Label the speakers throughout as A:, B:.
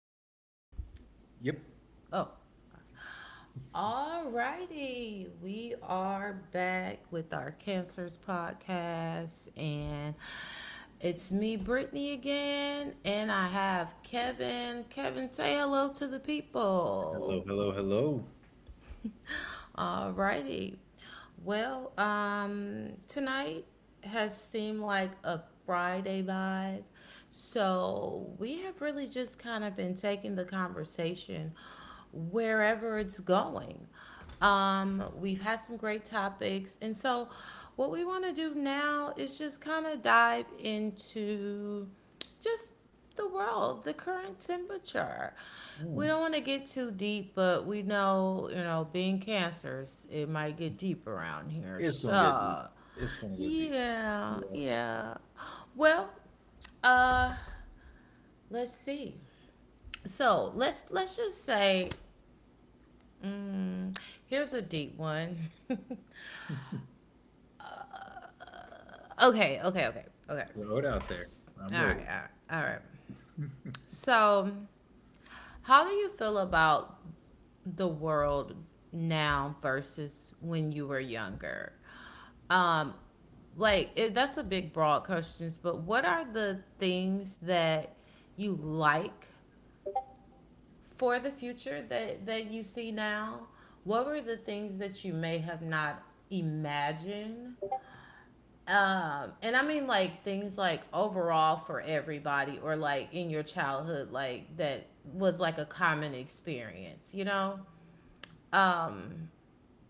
A: Did it start?
B: Yep.
A: Oh. Alrighty, we are back with our Cancers podcast, and it's me, Brittany, again, and I have Kevin. Kevin, say hello to the
B: Hello,
A: people.
B: hello, hello.
A: Alrighty. Well, tonight has seemed like a Friday vibe. So we have really just kind of been taking the conversation wherever it's going. We've had some great topics. And so what we want to do now is just kind of dive into just the world, the current temperature. We
B: Mm.
A: don't want to get too deep, but we know, you know, being cancers, it might get deep around here.
B: It's gonna get deep.
A: So,
B: It's gonna get deep.
A: yeah,
B: Yeah,
A: yeah. Well, uh, let's see. So let's just say, mm, here's a deep one. Okay, okay, okay, okay.
B: throw it out there.
A: All
B: I'm ready.
A: right, all right, all right. So, how do you feel about the world now versus when you were younger? Um, like it, that's a big broad questions, but what are the things that you like for the future that you see now? What were the things that you may have not imagined? And I mean like things like overall for everybody or like in your childhood like that was like a common experience, you know? Um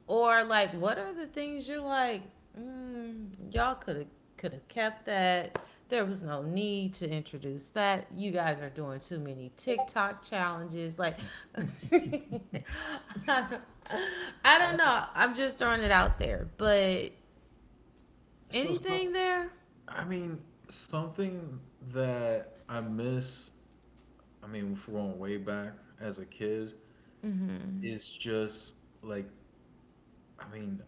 A: Or like, what are the things you're like, y'all could have kept that. There was no need to introduce that. You guys are doing too many TikTok challenges. Like, I don't know. I'm just throwing it out there. But
B: So some,
A: anything there?
B: I mean, something that I miss. I mean, if we're going way back as a kid,
A: Mm-hmm.
B: is just like, I mean,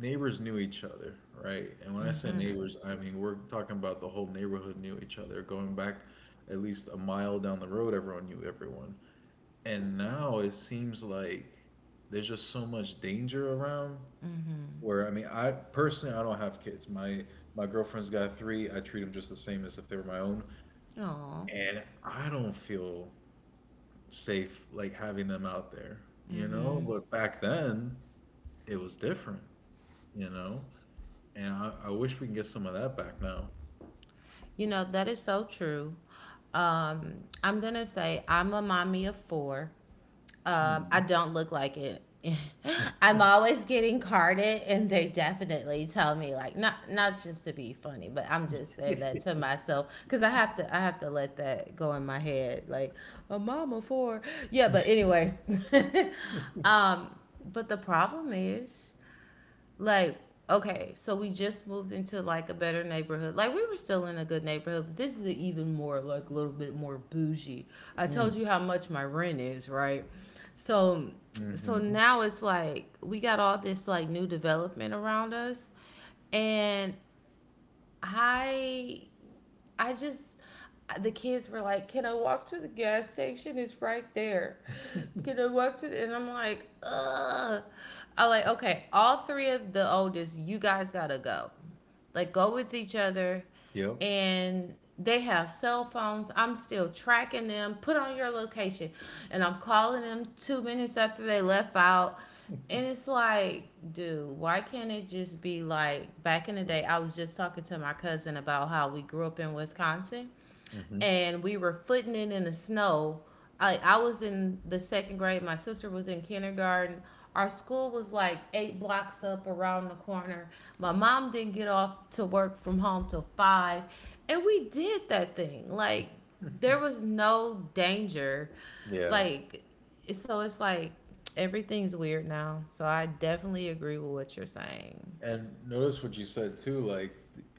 B: neighbors knew each other, right? And when I say neighbors, I mean we're talking about the whole neighborhood knew each other. Going back at least a mile down the road, everyone knew everyone. And now it seems like there's just so much danger around.
A: Mm-hmm.
B: Where, I mean, I personally, I don't have kids. My girlfriend's got three. I treat them just the same as if they were my own.
A: Oh,
B: And I don't feel safe like having them out there. But back then it was different. you know and I wish we can get some of that back now.
A: you know that is so true. I'm gonna say I'm a mommy of 4.
B: Mm-hmm.
A: I don't look like it. I'm always getting carded, and they definitely tell me like not just to be funny, but I'm just saying that to myself because I have to let that go in my head like a mama for yeah. But anyways, um, but the problem is like okay, so we just moved into like a better neighborhood. Like, we were still in a good neighborhood, but this is even more like a little bit more bougie. I told you how much my rent is, right? So so
B: Mm-hmm.
A: now it's like we got all this like new development around us. And i I just the kids were like, "Can I walk to the gas station? It's right there. Can I walk to?" The, and I'm like, "Ugh." I am like, okay, all three of the oldest, you guys gotta go. Like, go with each other,
B: Yep.
A: and they have cell phones. I'm still tracking them. Put on your location, and I'm calling them 2 minutes after they left out. And it's like, dude, why can't it just be like back in the day? I was just talking to my cousin about how we grew up in Wisconsin
B: Hmm.
A: and we were footing it in the snow. I was in the second grade. My sister was in kindergarten. Our school was like 8 blocks up around the corner. My mom didn't get off to work from home till 5. And we did that thing. Like, there was no danger.
B: Yeah.
A: Like, so it's like everything's weird now. So I definitely agree with what you're saying.
B: And notice what you said too, like,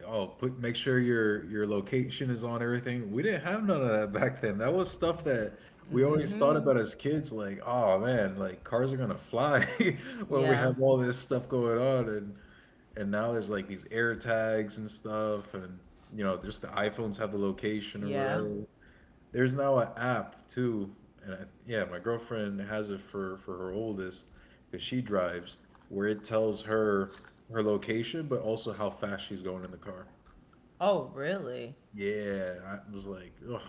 B: oh, put make sure your location is on everything. We didn't have none of that back then. That was stuff that we
A: Mm
B: always thought
A: hmm.
B: about as kids, like, oh man, like cars are gonna fly, when we
A: Yeah.
B: have all this stuff going on, and now there's like these air tags and stuff, and just the iPhones have the location or
A: Yeah.
B: whatever. There's now an app too, and yeah, my girlfriend has it for her oldest because she drives, where it tells her location, but also how fast she's going in the car.
A: Oh, really?
B: Yeah, I was like, oh,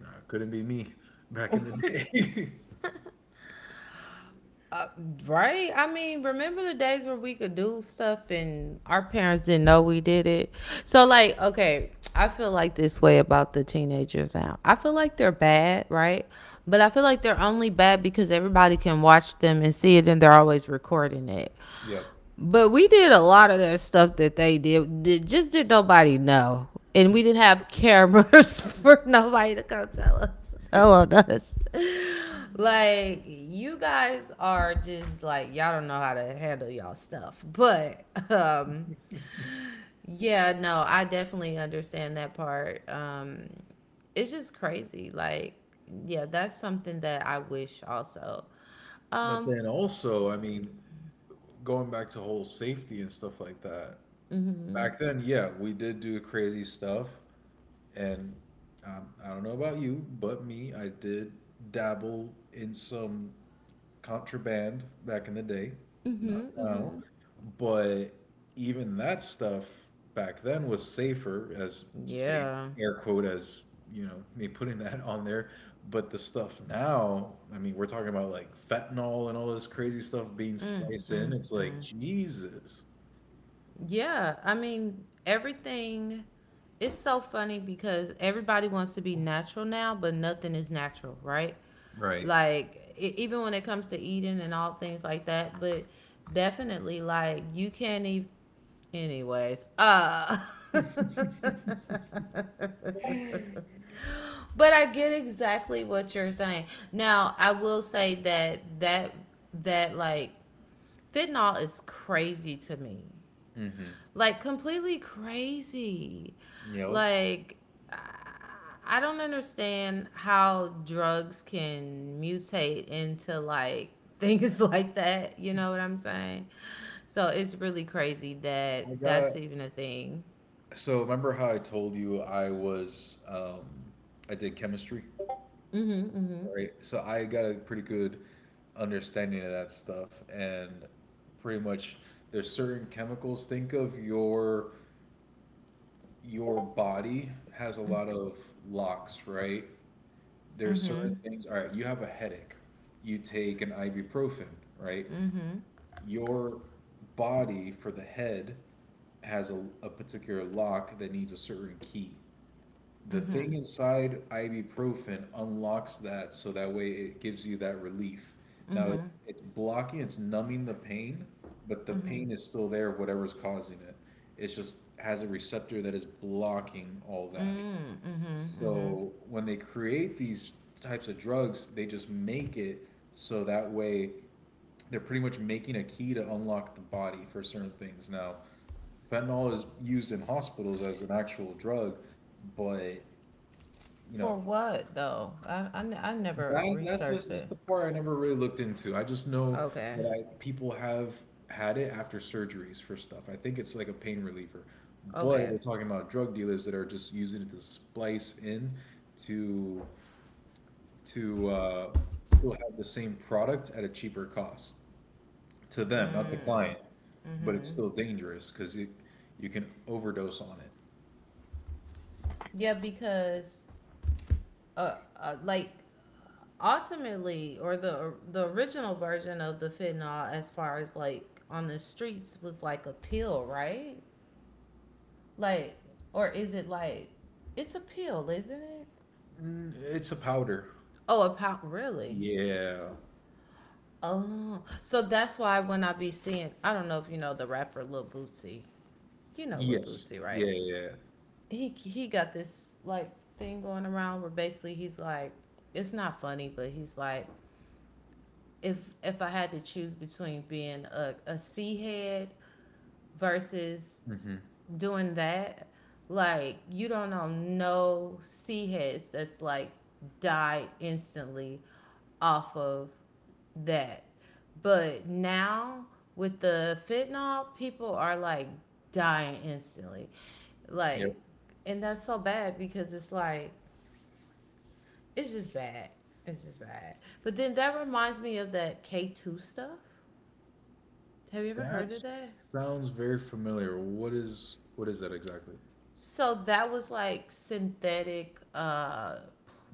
B: nah, couldn't be me back in the day.
A: Uh, right? I mean, remember the days where we could do stuff and our parents didn't know we did it? So, like, okay, I feel like this way about the teenagers now. I feel like they're bad, right? But I feel like they're only bad because everybody can watch them and see it and they're always recording it.
B: Yep.
A: But we did a lot of that stuff that they did. Just did nobody know. And we didn't have cameras for nobody to come tell us. Tell on us. Like, you guys are just like, y'all don't know how to handle y'all stuff. But, yeah, no, I definitely understand that part. It's just crazy. Like, yeah, that's something that I wish also.
B: But
A: Um,
B: then also, I mean, going back to whole safety and stuff like that. Back then, yeah, we did do crazy stuff, and I don't know about you, but me, I did dabble in some contraband back in the day, not
A: mm-hmm,
B: now,
A: mm-hmm.
B: but even that stuff back then was safer, as safe,
A: Yeah.
B: air quote, as me putting that on there. But the stuff now, I mean, we're talking about like fentanyl and all this crazy stuff being
A: Mm,
B: spliced in.
A: mm,
B: It's like
A: mm.
B: Jesus.
A: Yeah, I mean, everything it's so funny because everybody wants to be natural now, but nothing is natural, right?
B: Right.
A: Like even when it comes to eating and all things like that, but definitely like you can't even anyways. But I get exactly what you're saying. Now, I will say that that like fentanyl is crazy to me.
B: Mm-hmm.
A: Like completely crazy.
B: You know.
A: Like I- don't understand how drugs can mutate into like things like that, you know what I'm saying? So it's really crazy
B: I
A: that
B: got
A: that's even a thing.
B: So remember how I told you I did chemistry.
A: Mhm, mhm.
B: Right? So I got a pretty good understanding of that stuff, and pretty much there's certain chemicals. Think of your body has a lot of locks, right? There's certain
A: Mhm.
B: things. All right, you have a headache. You take an ibuprofen, right?
A: Mhm.
B: Your body for the head has a particular lock that needs a certain key. The thing
A: Mhm.
B: inside ibuprofen unlocks that so that way it gives you that relief. Now it's,
A: Mhm.
B: it's blocking, it's numbing the pain, but the
A: Mhm.
B: pain is still there, whatever's causing it. It just has a receptor that is blocking all that.
A: Mm, mhm. Mhm.
B: So when they create these types of drugs, they just make it so that way they're pretty much making a key to unlock the body for certain things. Now, fentanyl is used in hospitals as an actual drug, but, you know.
A: For what though? I never
B: That that's was
A: researched
B: that's
A: it.
B: the part I never really looked into. I just know
A: Okay.
B: that I people have had it after surgeries for stuff. I think it's like a pain reliever. But
A: Okay.
B: we're talking about drug dealers that are just using it to splice in to to still have the same product at a cheaper cost to them, not the
A: Mm.
B: client. But it's
A: Mm-hmm.
B: still dangerous because you can overdose on it.
A: Yeah, because like ultimately, or the original version of the fentanyl, as far as like on the streets, was like a pill, right? Like, or is it like it's a pill, isn't it?
B: Mm, it's a powder.
A: Oh, a pop, really?
B: Yeah.
A: Oh, so that's why when I be seeing, I don't know if you know the rapper Lil Bootsy. You know Lil
B: Yes.
A: Bootsy,
B: Yeah.
A: right?
B: Yeah. Yeah.
A: He got this like thing going around where basically he's like, it's not funny, but he's like, if I had to choose between being a C head versus
B: Mm-hmm.
A: doing that, like you don't know no C heads that's like died instantly off of that. But now with the fentanyl, people are like dying instantly. Like and that's so bad because it's like it's just bad. It's just bad. But then that reminds me of that K2 stuff. Have you ever heard
B: That
A: of that?
B: sounds very familiar. What is that exactly?
A: So that was like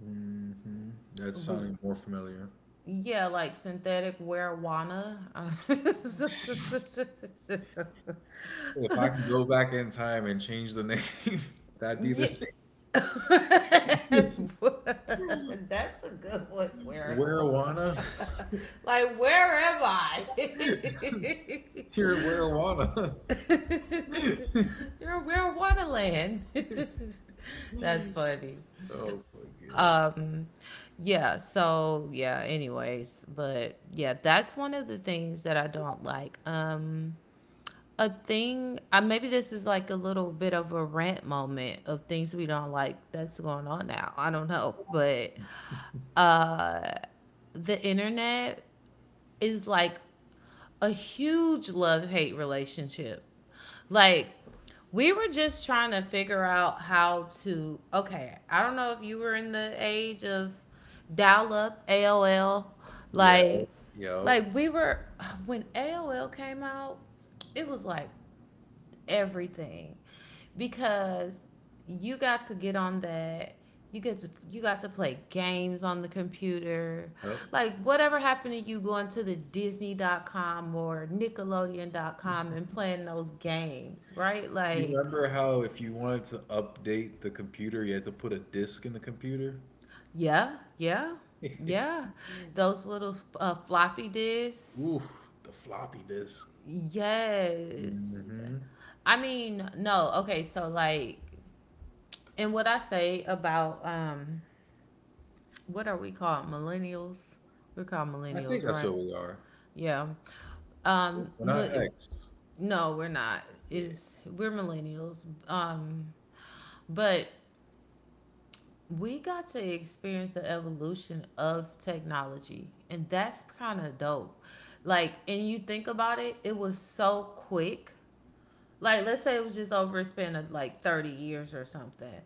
B: Hmm. That's
A: w-
B: sounding more familiar.
A: yeah, like synthetic marijuana.
B: If I can go back in time and change the name, that'd be the
A: Yeah.
B: name.
A: That's a good one. Where,
B: Werowana?
A: like, where am I? You're
B: You're Werowana.
A: in marijuana land. That's funny.
B: Oh my God.
A: um yeah, so yeah, anyways, but yeah, that's one of the things that I don't like. A thing, maybe this is like a little bit of a rant moment of things we don't like that's going on now, I don't know, but uh the internet is like a huge love hate relationship. Like, we were just trying to figure out how to. Okay, I don't know if you were in the age of dial up AOL.
B: Yeah.
A: Like,
B: Yeah.
A: like we were when AOL came out, it was like everything because you got to get on that you get to you got to play games on the computer
B: Oh.
A: like whatever happened to you going to the Disney.com or Nickelodeon.com and playing those games right
B: You
A: like
B: remember how if you wanted to update the computer, you had to put a disk in the computer?
A: yeah yeah
B: Ooh,
A: yeah those little floppy disks.
B: the floppy disk.
A: Yes.
B: Hmm.
A: I mean, no, okay, so like and what I say about what are we called? Millennials? We're called
B: I think
A: millennials,
B: that's
A: right?
B: what we are.
A: Yeah. Um.
B: We're not
A: mi-
B: X.
A: No, we're not.
B: Yeah.
A: Is we're millennials. But we got to experience the evolution of technology, and that's kind of dope. Like, and you think about it, it was so quick. Like, let's say it was just over a span of like 30 years or something.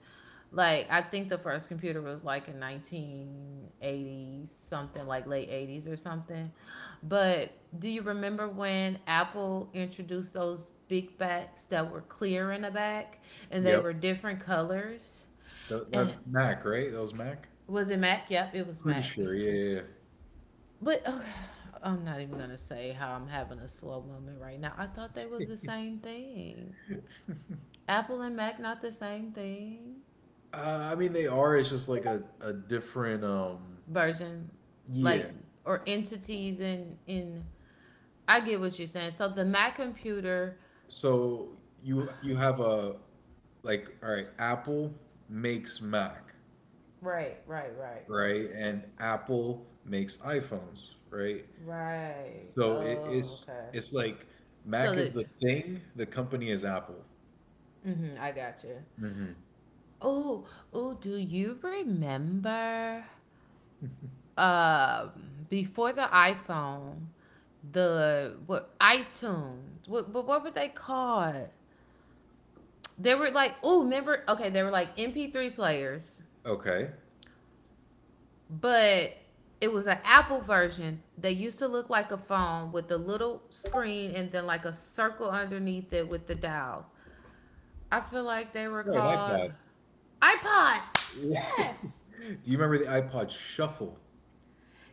A: Like, I think the first computer was like in 1980 something, like late 80s or something. But do you remember when Apple introduced those big backs that were clear in the back and they
B: Yep.
A: were different colors?
B: That,
A: And
B: that Mac, right? That was Mac.
A: was it Mac? Yep, it was
B: Pretty
A: Mac.
B: sure. Yeah. Yeah,
A: But oh, I'm not even gonna say how I'm having a slow moment right now. I thought they was the same thing.
B: yeah.
A: Apple and Mac not the same thing.
B: I mean, they are. It's just like a different.
A: Version, like
B: Yeah.
A: or entities in in. I get what you're saying. So the Mac computer.
B: So you have a, like, all right. Apple makes Mac,
A: Right, right, right, right,
B: right? And Apple makes iPhones, right?
A: right.
B: So it,
A: Oh,
B: it's
A: okay.
B: it's like
A: So
B: Mac is
A: that
B: the thing. The company is Apple.
A: mm-hmm, I got you.
B: Hmm.
A: Oh, oh, do you remember um before the iPhone, the what iTunes? What but what were they called? They were like, oh, remember? Okay, they were like MP3 players.
B: Okay.
A: But it was an Apple version. They used to look like a phone with a little screen and then like a circle underneath it with the dials. I feel like they were
B: Right.
A: called
B: iPod.
A: iPods.
B: Do
A: Yes.
B: you remember the iPod Shuffle?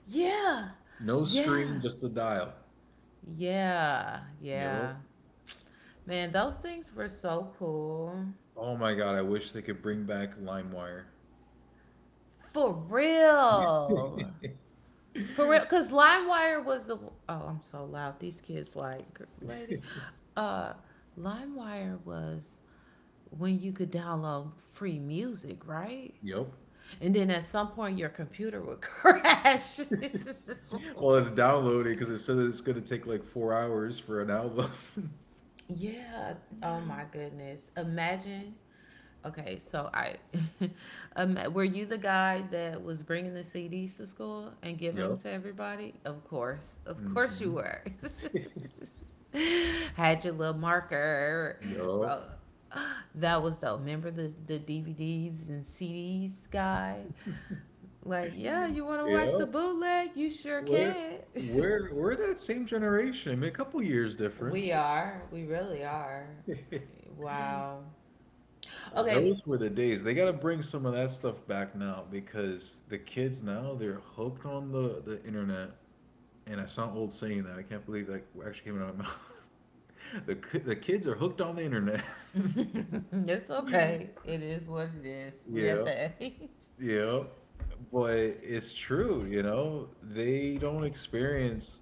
A: Yeah.
B: No screen,
A: Yeah.
B: just the dial.
A: Yeah.
B: Yup.
A: Yeah. Man, those things were so cool.
B: Oh my God, I wish they could bring back LimeWire.
A: For real. For real. Cause LimeWire was the oh, I'm so loud. These kids like lady. Uh LimeWire was when you could download free music, right?
B: Yup.
A: And then at some point your computer would crash.
B: Well, it's downloading because it says it's going to take like four hours for an album.
A: Yeah. Oh my goodness. Imagine. Okay, so were you the guy that was bringing the CDs to school and giving them
B: Yup.
A: to everybody? Of course you
B: Hmm.
A: were. Had your little marker. Bro.
B: Yup.
A: That was dope. Remember the DVDs and CDs guy? Like, yeah, you want to watch the
B: Yup.
A: bootleg? You sure
B: We're
A: can.
B: we're that same generation. I mean, a couple years difference.
A: We are. We really are. Wow. Okay.
B: Those were the days. They gotta bring some of that stuff back now because the kids now they're hooked on the internet. And I sound old saying that. I can't believe that actually came out of my mouth. The kids are hooked on the internet.
A: It's okay. It is what it is. We're at
B: Yeah,
A: that age.
B: yeah. But it's true, you know? They don't experience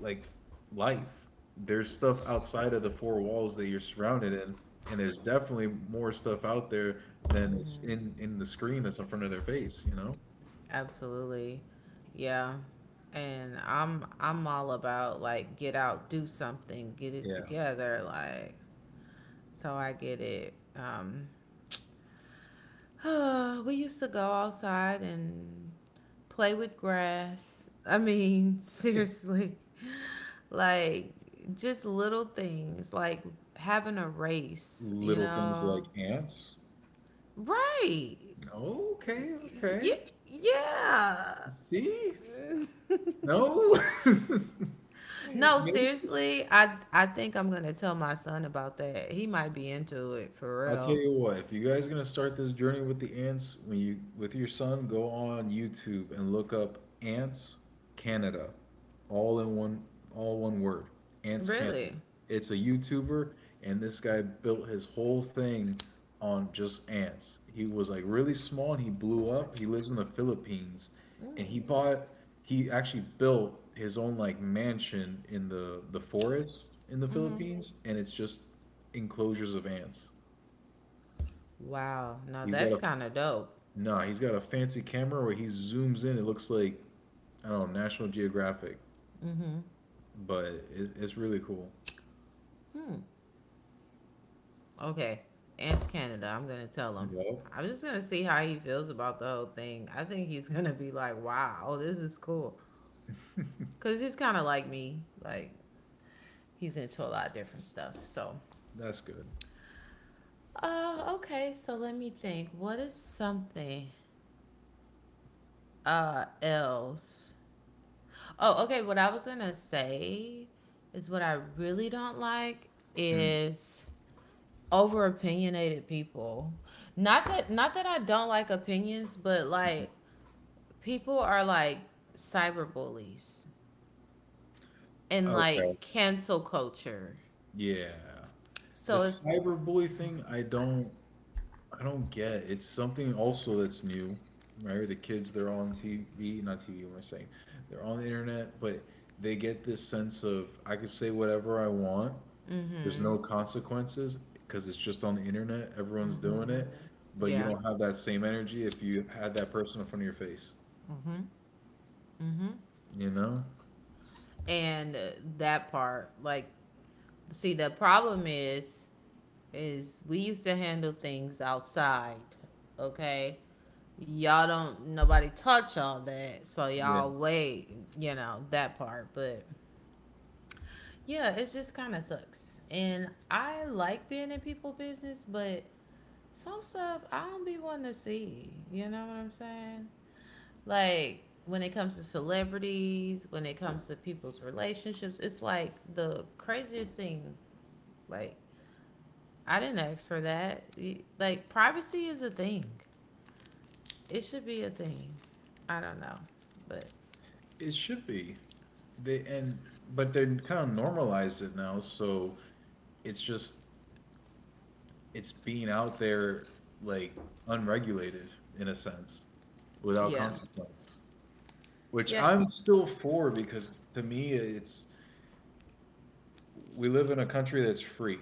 B: like life. There's stuff outside of the four walls that you're surrounded in, and there's definitely more stuff out there than is
A: Mm-hmm.
B: in the screen that's in front of their face, you know?
A: Absolutely. Yeah. And I'm all about like get out, do something, get it
B: Yeah.
A: together, like so I get it. We used to go outside and play with grass. I mean, seriously. Like just little things like having a race, you
B: Little things like
A: know,
B: ants.
A: Right.
B: Okay, okay.
A: Yeah. Yeah.
B: See? No?
A: No,
B: Maybe.
A: seriously, I think I'm gonna tell my son about that. He might be into it for
B: I tell
A: real.
B: you what, if you guys are gonna start this journey with the ants, when you with your son, go on YouTube and look up Ants Canada, all in one, all one word, Ants Canada.
A: Really?
B: It's a YouTuber, and this guy built his whole thing on just ants. He was like really small, and he blew up. He lives in the Philippines, and he actually built his own like mansion in the forest in the Philippines, and it's just enclosures of ants.
A: Wow. Now
B: He's got
A: that's
B: a
A: kind of dope.
B: nah. He's got a fancy camera where he zooms in. It looks like, I don't know, National Geographic, but it's really cool.
A: Hmm. Okay. Ants Canada. I'm gonna tell him.
B: Yo,
A: I'm just gonna see how he feels about the whole thing. I think he's gonna be like, "Wow, this is cool," because he's kind of like me. Like he's into a lot of different stuff. So,
B: that's good.
A: okay. So let me think. What is something else? Oh, okay, what I was gonna say is what I really don't like
B: Mm.
A: is over opinionated people. Not that I don't like opinions, but like people are like cyber bullies and
B: Okay,
A: like cancel culture,
B: yeah. The
A: so it's,
B: cyber bully thing, I don't. I don't get. It's something also that's new, right? The kids, they're on TV, not TV. What am I saying? They're on the internet, but they get this sense of I can say whatever I want. There's
A: mm-hmm,
B: no consequences because it's just on the internet. Everyone's doing it, but you
A: yeah.
B: don't have that same energy if you had that person in front of your face. You know?
A: And that part, like, see, the problem is we used to handle things outside, okay? Y'all don't nobody touch all that, so
B: Yeah.
A: y'all wait, you know, that part. But yeah, it just kind of sucks, and I like being in people's business, but some stuff I don't be wanting to see, you know what I'm saying? Like when it comes to celebrities, when it comes to people's relationships, it's like the craziest thing. Like I didn't ask for that. Like privacy is a thing, it should be a thing. I don't know. But
B: It should be. They and But they kind of normalize it now, so it's just it's being out there like unregulated, in a sense, without
A: yeah.
B: consequence, which
A: Yeah.
B: I'm still for, because to me it's, we live in a country that's free,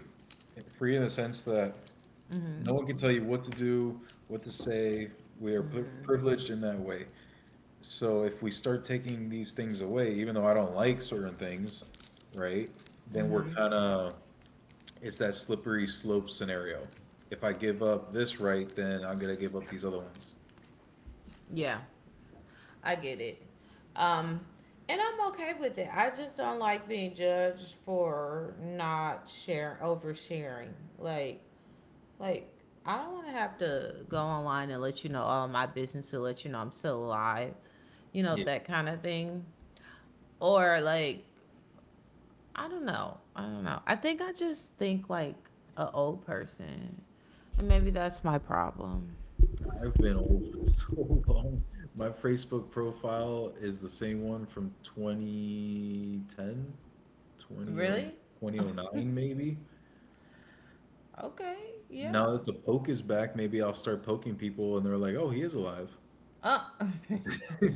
B: in the sense that
A: Mm-hmm.
B: no one can tell you what to do, what to say. We are privileged in that way. So if we start taking these things away, even though I don't like certain things, right, then we're kind of it's that slippery slope scenario. If I give up this right, then I'm gonna give up these other ones.
A: Yeah. I get it. Um, and I'm okay with it. I just don't like being judged for not share oversharing. Like, like, I don't want to have to go online and let you know all my business to let you know I'm still alive. You know
B: Yeah,
A: that kind of thing. Or like, I don't know. I don't know. I think I just think like a old person, and maybe that's my problem.
B: I've been old for so long. My Facebook profile is the same one from 2010, 20,
A: Really?
B: 2009 maybe.
A: Okay.
B: Now
A: Yeah.
B: that the poke is back, maybe I'll start poking people and they're like, "Oh, he is alive."
A: Uh,
B: I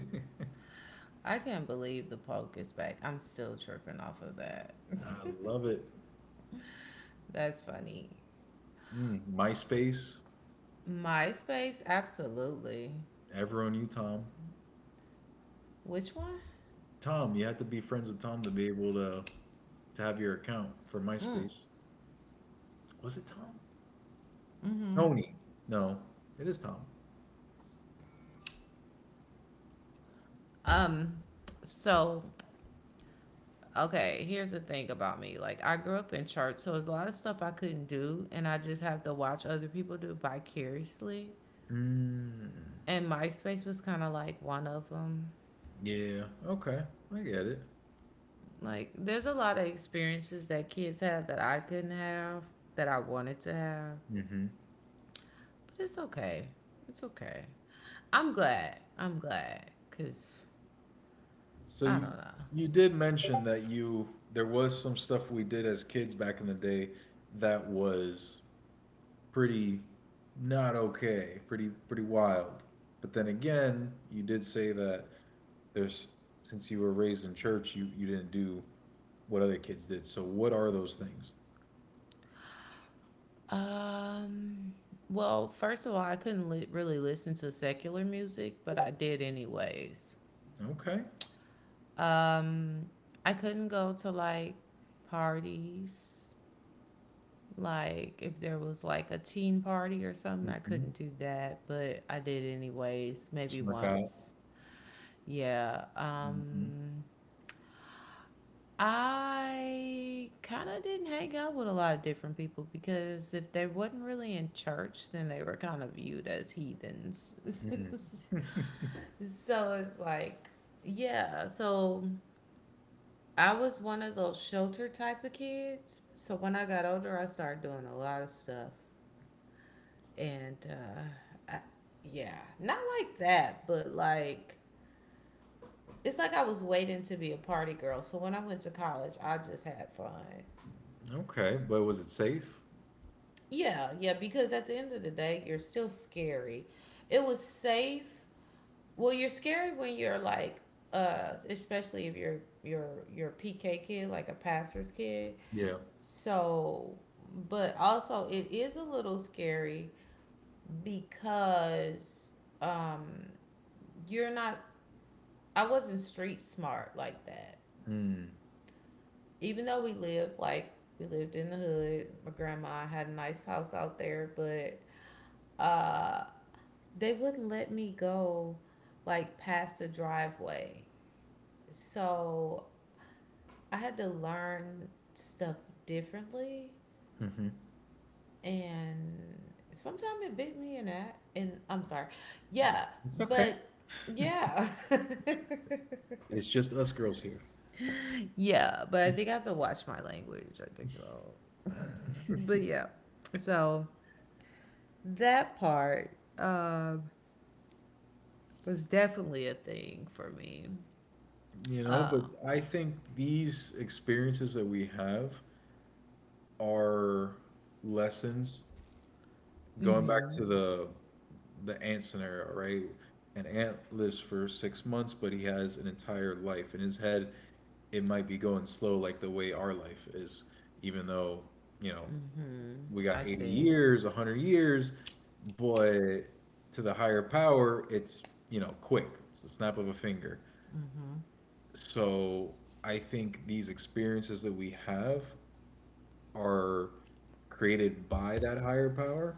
A: I can't believe the poke is back. I'm still tripping off of that.
B: love it.
A: That's funny.
B: Mm, MySpace,
A: MySpace, absolutely.
B: ever on you, Tom.
A: Which one?
B: Tom, you had to be friends with Tom to be able to have your account for MySpace. Was it Tom? Tony. No, it is Tom.
A: Um, so, okay, here's the thing about me. Like I grew up in church, so there's a lot of stuff I couldn't do, and I just have to watch other people do vicariously.
B: Mm,
A: And MySpace was kind of like one of them.
B: yeah. Okay, I get it.
A: Like there's a lot of experiences that kids have that I couldn't have that I wanted to have.
B: Hmm.
A: But it's okay. It's okay. I'm glad. I'm glad because I
B: So you
A: don't
B: you did mention that you there was some stuff we did as kids back in the day that was pretty not okay, pretty wild. But then again, you did say that there's since you were raised in church, you didn't do what other kids did. So what are those things?
A: know. Well, first of all, I couldn't really listen to secular music, but I did anyways.
B: Okay.
A: Um, I couldn't go to like parties, like if there was like a teen party or something, I couldn't
B: Hmm.
A: do that, but I did anyways, maybe
B: Snuck out.
A: once. Yeah.
B: Hmm.
A: I kind of didn't hang out with a lot of different people because if they wasn't really in church, then they were kind of viewed as heathens.
B: Mm.
A: So it's like, yeah. So I was one of those shelter type of kids. So when I got older, I started doing a lot of stuff. And I, yeah, not like that, but like, it's like I was waiting to be a party girl. So when I went to college, I just had fun.
B: Okay, but was it safe?
A: Yeah, yeah, because at the end of the day, you're still scary. It was safe. Well, you're scary when you're like especially if you're a PK kid, like a pastor's kid.
B: Yeah.
A: So, but also it is a little scary because um you're not, I wasn't street smart like that.
B: Mm.
A: Even though we lived, like, we lived in the hood, my grandma had a nice house out there, but uh they wouldn't let me go, like, past the driveway. So I had to learn stuff differently,
B: Hmm.
A: and sometimes it bit me in that, and I'm sorry. Yeah,
B: Yeah. It's
A: but
B: okay.
A: yeah.
B: It's just us girls here.
A: Yeah, but I think I have to watch my language. I think so. But yeah. So that part was definitely a thing for me.
B: But
A: Um
B: I think these experiences that we have are lessons, going back to
A: mhm.
B: the ant scenario, right? An ant lives for 6 months, but he has an entire life. In his head, it might be going slow like the way our life is, even though, you know,
A: Mm-hmm.
B: we
A: I
B: got 80
A: see.
B: years, 100 years, but to the higher power, it's, quick. It's the snap of a finger.
A: Mm-hmm.
B: So I think these experiences that we have are created by that higher power,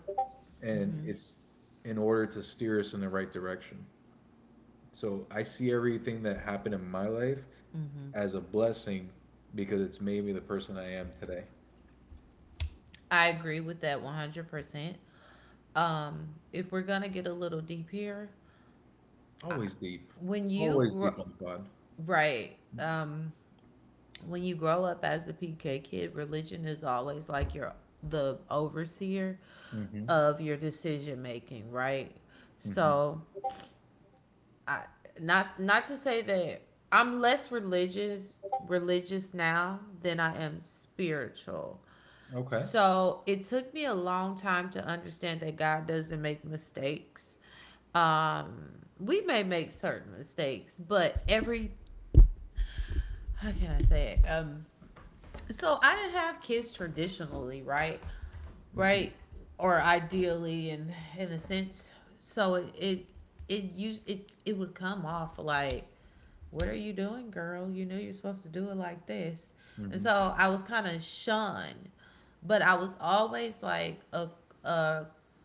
B: and
A: Mm-hmm.
B: it's in order to steer us in the right direction. So I see everything that happened in my life
A: Mm-hmm.
B: as a blessing because it's made me the person I am today.
A: I agree with that 100%. If we're gonna get a little deep here,
B: Always deep.
A: when you
B: Always
A: grow
B: deep on the pod.
A: right, when you grow up as a PK kid, religion is always like your the overseer
B: Hmm.
A: of your decision making, right?
B: Mhm.
A: So I, not to say that I'm less religious now than I am spiritual.
B: Okay.
A: So it took me a long time to understand that God doesn't make mistakes. Um, we may make certain mistakes, but every how can I say it? So I didn't have kids traditionally, right? Right,
B: Mhm.
A: or ideally, in a sense. So it used it it would come off like, what are you doing, girl? You know you're supposed to do it like this. And
B: Mhm.
A: so I was kind of shunned, but I was always like, a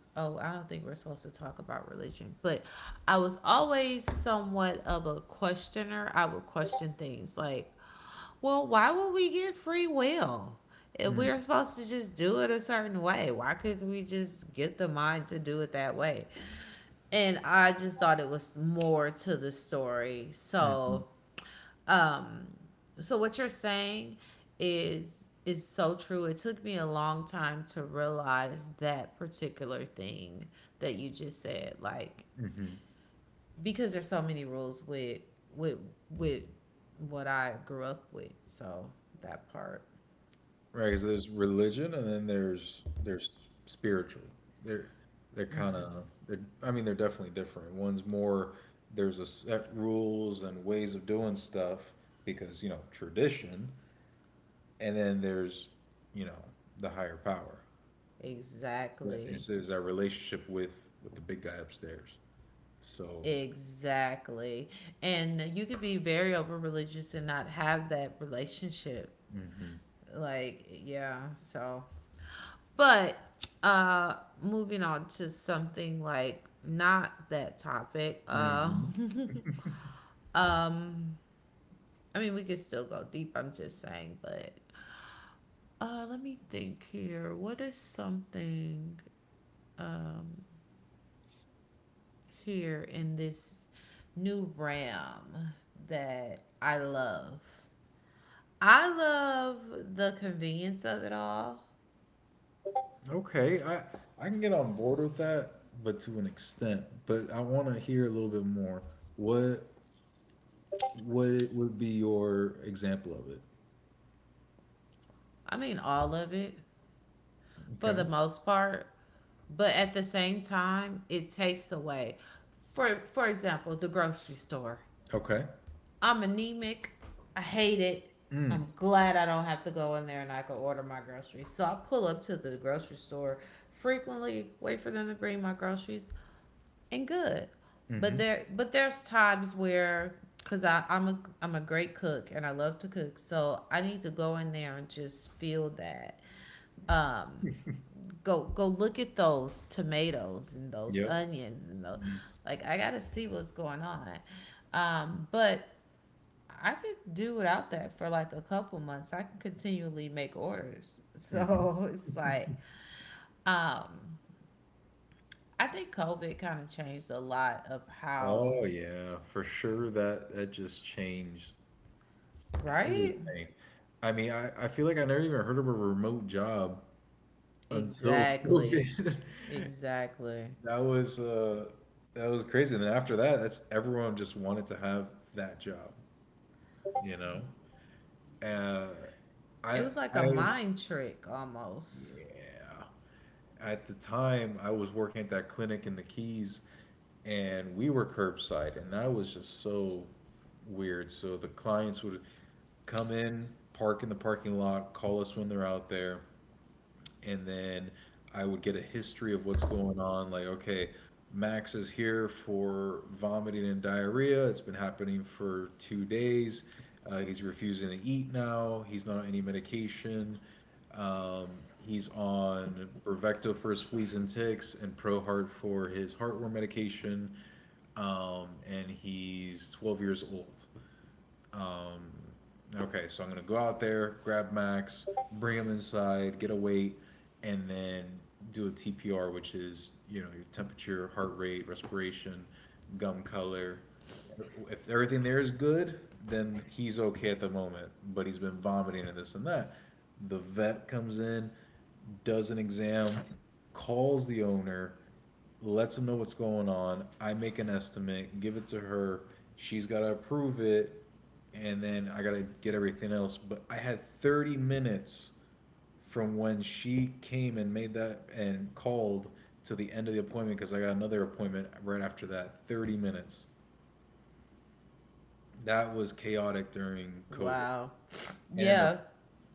A: oh, I don't think we're supposed to talk about religion, but I was always somewhat of a questioner. I would question things like, well, why would we get free will? If we are
B: Mm.
A: supposed to just do it a certain way, why couldn't we just get the mind to do it that way? And I just thought it was more to the story.
B: Mhm.
A: Um, so what you're saying is so true. It took me a long time to realize that particular thing that you just said, like
B: Mhm.
A: because there's so many rules with with what I grew up with. So that part,
B: Because there's religion and then there's spiritual. They're they're kind of they're I mean they're definitely different. One's more there's a set rules and ways of doing stuff because tradition, and then there's, you know, the higher power. That
A: exactly.
B: is our relationship with the big guy upstairs. So.
A: Exactly. And you could be very over religious and not have that relationship.
B: hmm
A: Like, yeah, so. But uh moving on to something, like not that topic. Um I mean we could still go deep, I'm just saying, but let me think here. What is something um here in this new realm that I love? I love the convenience of it all.
B: Okay, I can get on board with that, but to an extent. But I want to hear a little bit more. What what it would be your example of it?
A: I mean all of it, for the
B: Okay.
A: most part. But at the same time, it takes away. For example, the grocery store.
B: Okay.
A: I'm anemic. I hate it. I'm
B: Mm.
A: glad I don't have to go in there and I can order my groceries. So I pull up to the grocery store frequently, wait for them to bring my groceries, and good. But
B: Mm-hmm.
A: there but there's times where, because I'm a great cook and I love to cook, so I need to go in there and just feel that. Um, go look at those tomatoes and those
B: Yep.
A: onions, and the
B: Mm,
A: like, I gotta see what's going on. But I could do without that for like a couple months. I can continually make orders.
B: mhm.
A: So it's like, um, I think COVID kind of changed a lot of how,
B: Oh yeah, for sure that just changed
A: right?
B: everything. I mean, I feel like I never even heard of a remote job until
A: Exactly.
B: COVID.
A: Exactly.
B: That was uh, that was crazy. And then after that, that's everyone just wanted to have that job, you know. Uh,
A: It was
B: I
A: like a
B: I
A: mind trick almost.
B: Yeah. At the time, I was working at that clinic in the Keys, and we were curbside, and that was just so weird. So the clients would come in, park in the parking lot, call us when they're out there, and then I would get a history of what's going on. Like, okay, Max is here for vomiting and diarrhea. It's been happening for 2 days. He's refusing to eat now. He's not on any medication. Um, he's on Brevecto for his fleas and ticks and ProHeart for his heartworm medication. And he's 12 years old. Um, okay, so I'm gonna go out there, grab Max, bring him inside, get a weight, and then do a TPR, which is your temperature, heart rate, respiration, gum color. If everything there is good, then he's okay at the moment. But he's been vomiting and this and that. The vet comes in, does an exam, calls the owner, lets them know what's going on. I make an estimate, give it to her. She's got to approve it, and then I got to get everything else. But I had 30 minutes from when she came and made that and called to the end of the appointment because I got another appointment right after that. 30 minutes. That was chaotic during COVID.
A: Wow.
B: And in
A: Yeah,
B: the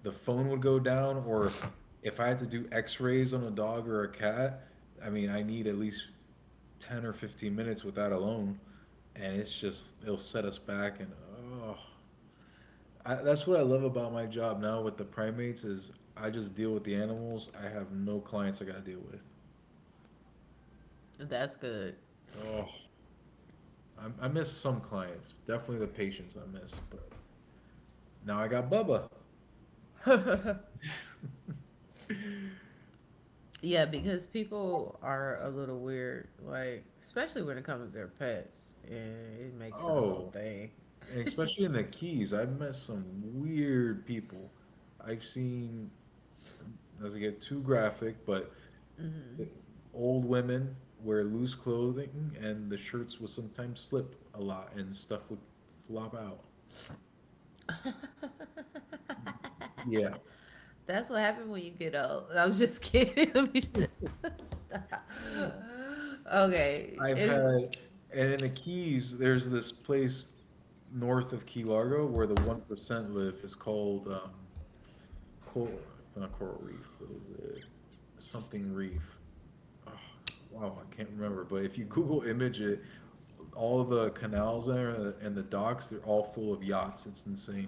B: the phone would go down, or if I had to do X-rays on a dog or a cat, I mean, I need at least 10 or 15 minutes with that alone, and it's just it'll set us back. And oh, that's what I love about my job now with the primates is I just deal with the animals. I have no clients I gotta deal with.
A: that's good.
B: Oh, I miss some clients. Definitely the patients I miss, but now I got Bubba.
A: Yeah, because people are a little weird, like especially when it comes to their pets, and it makes it a whole
B: Oh,
A: thing.
B: especially in the Keys, I've met some weird people. I've seen, doesn't get too graphic, but
A: Hmm.
B: the old women wear loose clothing and the shirts would sometimes slip a lot and stuff would flop out. Yeah,
A: That's what happened when you get old. I'm just kidding. Let me stop. Okay,
B: I've
A: is
B: had, and in the Keys, there's this place north of Key Largo where the 1% live. It's called Coral, not Coral Reef. What is it? Something Reef. Oh, wow, I can't remember, but if you Google image it, all the canals there and the docks, they're all full of yachts. It's insane.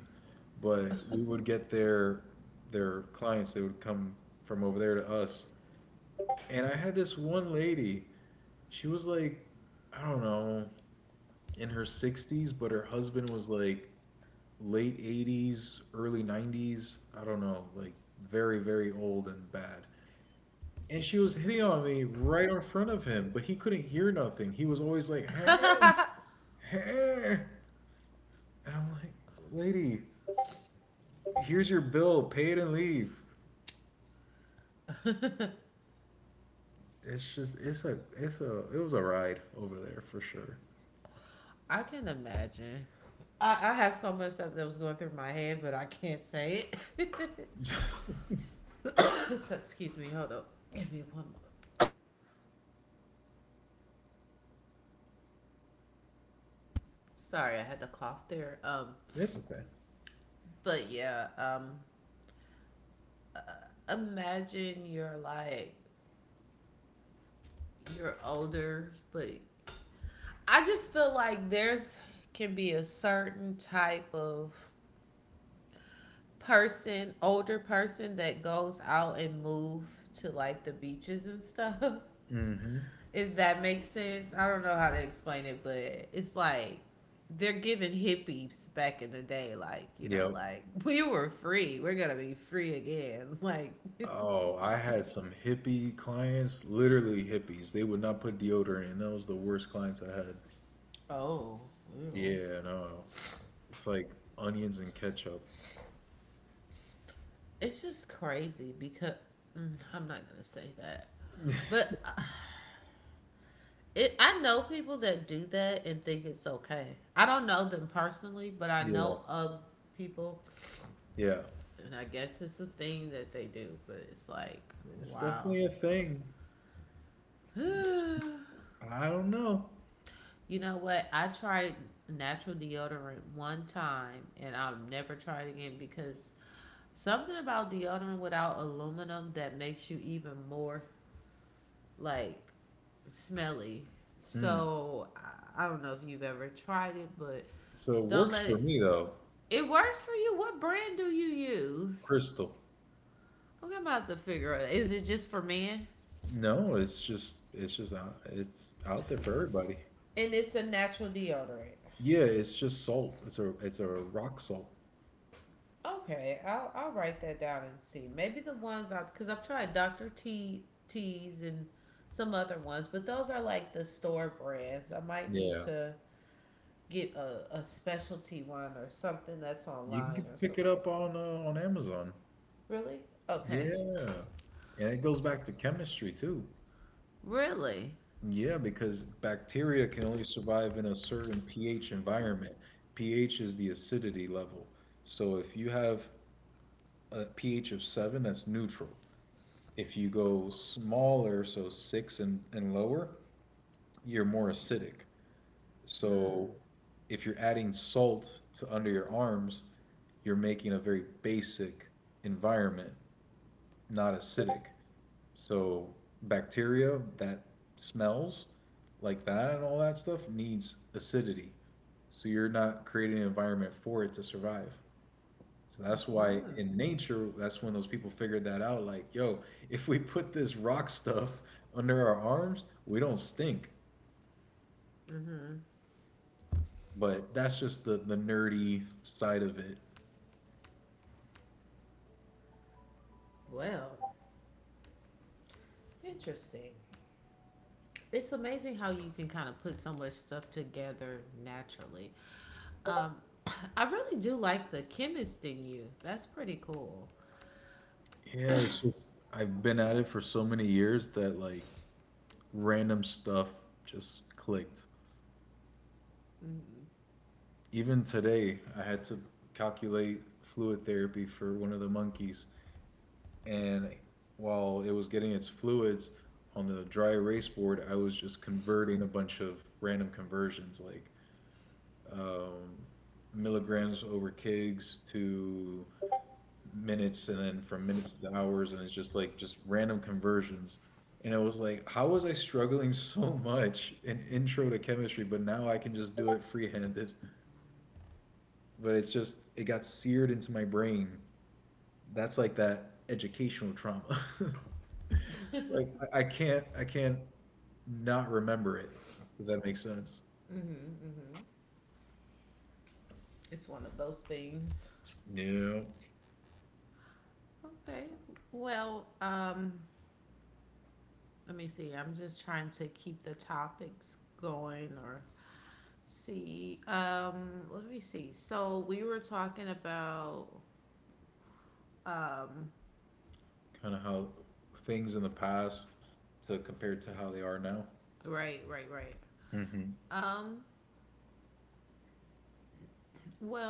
B: But we would get their clients, they would come from over there to us. And I had this one lady, she was like, I don't know, in her 60s, but her husband was like late 80s, early 90s. I don't know, like very, very old and bad. And she was hitting on me right in front of him, but he couldn't hear nothing. He was always like, hey, hey. And I'm like, lady, here's your bill, pay it and leave. It's just, it's a, It was a ride over there for sure.
A: I can imagine. I have so much stuff that was going through my head, but I can't say it. So, excuse me. Hold up. Give me one more. Sorry, I had to cough there.
B: It's okay.
A: But yeah. Imagine you're like you're older, but I just feel like there's can be a certain type of person, older person that goes out and move to like the beaches and stuff.
B: Mm-hmm.
A: If that makes sense. I don't know how to explain it, but it's like they're giving hippies back in the day, like, you know,
B: Yep.
A: like, we were free. We're gonna be free again. Like,
B: Oh, I had some hippie clients, literally hippies. They would not put deodorant, and that was the worst clients I had.
A: oh, ew.
B: Yeah, no. It's like onions and ketchup.
A: It's just crazy because, I'm not gonna say that, but I know people that do that and think it's okay. I don't know them personally, but I know
B: Yeah,
A: of people,
B: yeah.
A: and I guess it's a thing that they do. But it's like,
B: It's
A: wow.
B: definitely a thing. It's
A: You
B: just- I don't know.
A: know what? I tried natural deodorant one time, and I'll never try it again because something about deodorant without aluminum that makes you even more like smelly.
B: Mm.
A: So I don't know if you've ever tried it, but
B: So it
A: don't let
B: works
A: it.
B: for me though.
A: It works for you. What brand do you use?
B: Crystal.
A: Okay, I'm about to figure out. Is it just for men?
B: No, it's out there for everybody.
A: And it's a natural deodorant.
B: Yeah, it's just salt. It's a rock salt.
A: Okay, I'll write that down and see. Maybe the ones I've because I've tried Dr. TT's and some other ones, but those are like the store brands. I might need
B: Yeah.
A: to get a specialty one or something that's
B: You
A: online or
B: can pick
A: something.
B: it up on Amazon.
A: Really? Okay.
B: Yeah. And it goes back to chemistry too.
A: Really?
B: Yeah, because bacteria can only survive in a certain pH environment. pH is the acidity level. So if you have a pH of seven, that's neutral. If you go smaller, so six and lower, you're more acidic.
A: Hmm.
B: So if you're adding salt to under your arms, you're making a very basic environment, not acidic. So bacteria that smells like that and all that stuff needs acidity. So you're not creating an environment for it to survive. So that's why in nature, that's when those people figured that out. Like, yo, if we put this rock stuff under our arms, we don't stink. But that's just the nerdy side of it.
A: Well, interesting. It's amazing how you can kind of put so much stuff together naturally. Um, I really do like the chemist in you. That's pretty cool.
B: Yeah, it's just, I've been at it for so many years that like random stuff just clicked. Even today, I had to calculate fluid therapy for one of the monkeys, and while it was getting its fluids on the dry erase board, I was just converting a bunch of random conversions like um, milligrams over kgs to minutes, and then from minutes to hours, and it's just like just random conversions. And I was like, how was I struggling so much in intro to chemistry, but now I can just do it free-handed? But it's just, it got seared into my brain. That's like that educational trauma. Like I can't not remember it. If that makes sense.
A: Mm-hmm, mm-hmm. It's one of those things.
B: You know,
A: Okay. Well, let me see. I'm just trying to keep the topics going or see. Let me see. So we were talking about um
B: kind of how things in the past to compare to how they are now.
A: Right, right, right.
B: hmm
A: Um, well,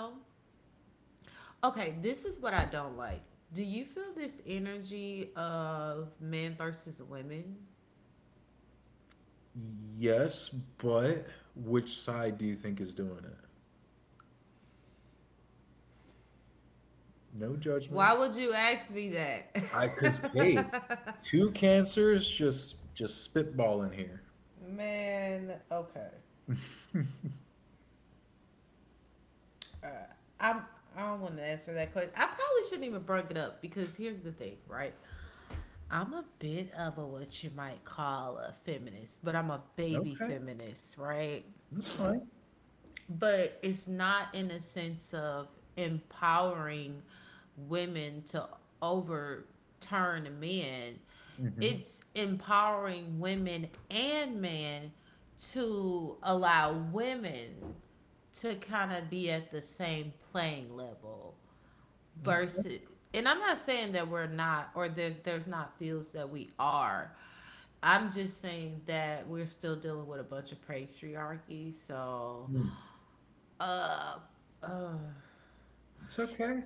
A: okay, this is what I don't like. Do you feel this energy of men versus women?
B: Yes, but which side do you think is doing it? No
A: Why would
B: judgment.
A: you ask me that?
B: I Cause hey, two cancers just spitballing here.
A: Man, okay. I'm I don't want to answer that question. I probably shouldn't even bring it up because here's the thing, right? I'm a bit of a what you might call a feminist, but I'm a baby
B: Okay,
A: feminist, right?
B: that's fine.
A: But it's not in a sense of empowering women to overturn men. It's
B: hmm
A: empowering women and men to allow women to kind of be at the same playing level versus.
B: Okay.
A: And I'm not saying that we're not or that there's not fields that we are. I'm just saying that we're still dealing with a bunch of patriarchy. so
B: Mm.
A: uh, uh,
B: It's okay.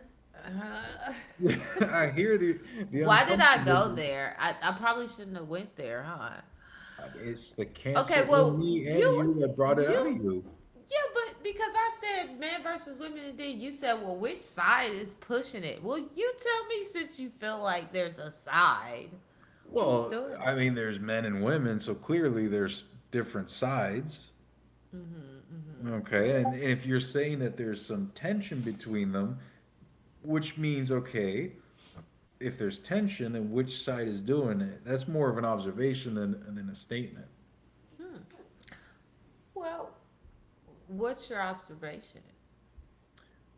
B: I hear the
A: why
B: the
A: did I go
B: uncomfortable.
A: there? I probably shouldn't have went there, huh?
B: I mean, it's the
A: Okay,
B: cancer
A: well,
B: in me
A: you
B: and you that brought
A: you
B: it out of you.
A: yeah, but because I said man versus women, and then you said, well, which side is pushing it? Well, you tell me, since you feel like there's a side, who's doing
B: Well,
A: it?
B: I mean, there's men and women, so clearly there's different sides.
A: Mm-hmm.
B: Okay, and if you're saying that there's some tension between them, which means, okay, if there's tension, then which side is doing it? That's more of an observation than a statement.
A: Well, what's your observation?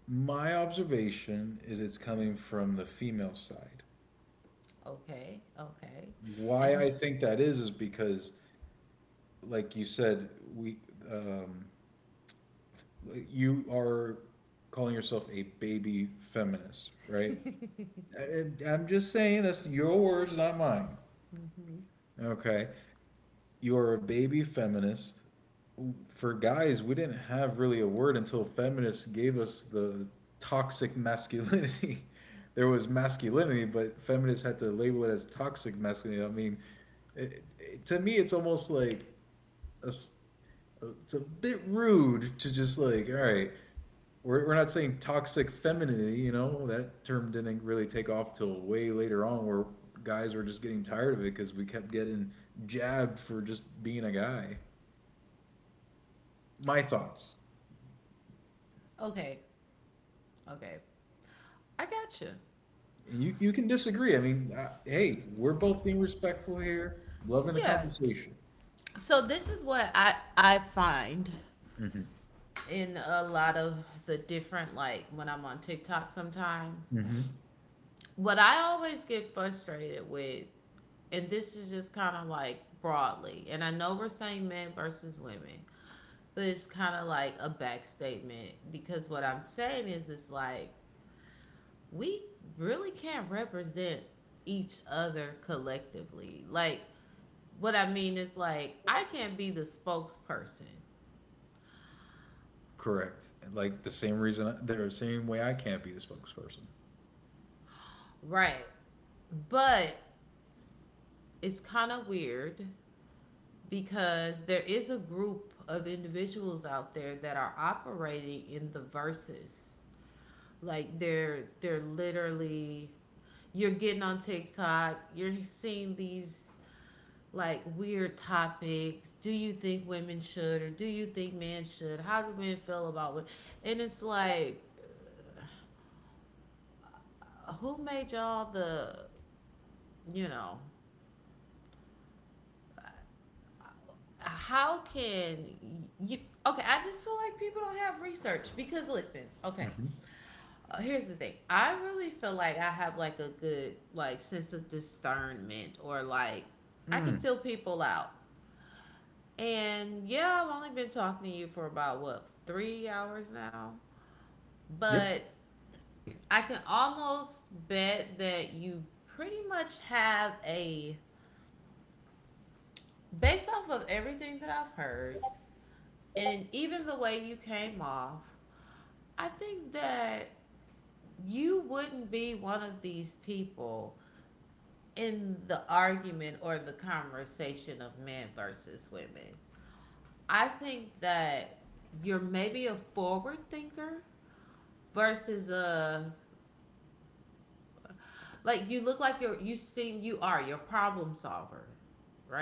B: My observation is it's coming from the female side.
A: Okay, okay, and
B: Why I think that is because, like you said, um, you are calling yourself a baby feminist, right? And I'm just saying that's your words, not mine. Okay. You are a baby feminist. For guys, we didn't have really a word until feminists gave us the toxic masculinity. There was masculinity, but feminists had to label it as toxic masculinity. I mean, to me, it's almost like a s- it's a bit rude to just like, all right, we're not saying toxic femininity, that term didn't really take off till way later on where guys were just getting tired of it because we kept getting jabbed for just being a guy. My thoughts.
A: okay, okay, I got you.
B: You can disagree. I mean, hey, we're both being respectful here, loving
A: Yeah,
B: the conversation.
A: so this is what I find
B: Hmm.
A: in a lot of the different, like when I'm on TikTok sometimes.
B: Hmm.
A: What I always get frustrated with, and this is just kind of like broadly, and I know we're saying men versus women, but it's kind of like a back statement, because what I'm saying is it's like we really can't represent each other collectively. Like what I mean is like I can't be the spokesperson.
B: Correct. Like the same reason, the same way I can't be the spokesperson.
A: Right. But it's kind of weird, because there is a group of individuals out there that are operating in the verses. Like they're literally, you're getting on TikTok, you're seeing these like weird topics. Do you think women should, or do you think men should? How do men feel about women? And it's like, who made y'all the, you know how can you, okay, I just feel like people don't have research. Because listen, okay,
B: Hmm.
A: here's the thing, I really feel like I have like a good, like, sense of discernment, or like I can feel
B: Mm.
A: people out. And yeah, I've only been talking to you for about what, 3 hours now, but
B: Yep.
A: I can almost bet that you pretty much have a, based off of everything that I've heard and even the way you came off, I think that you wouldn't be one of these people in the argument or the conversation of men versus women. I think that you're maybe a forward thinker versus a, like you look like you're you seem you are you're a problem solver, right?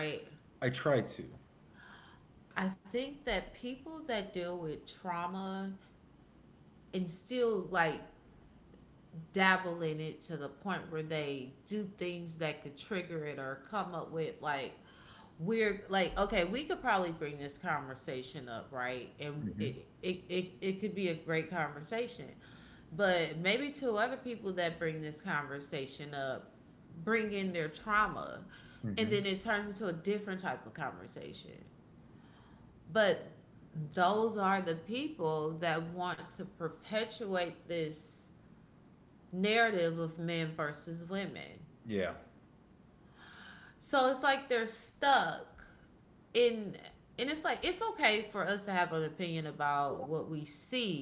B: I try to.
A: I think that people that deal with trauma and still like dabble in it to the point where they do things that could trigger it, or come up with like, we're like, okay, we could probably bring this conversation up, right? And it could be a great conversation, but maybe to other people that bring this conversation up, bring in their trauma, and then it
B: Hmm.
A: turns into a different type of conversation. But those are the people that want to perpetuate this narrative of men versus women.
B: Yeah.
A: So it's like they're stuck in, and it's like it's okay for us to have an opinion about what we see,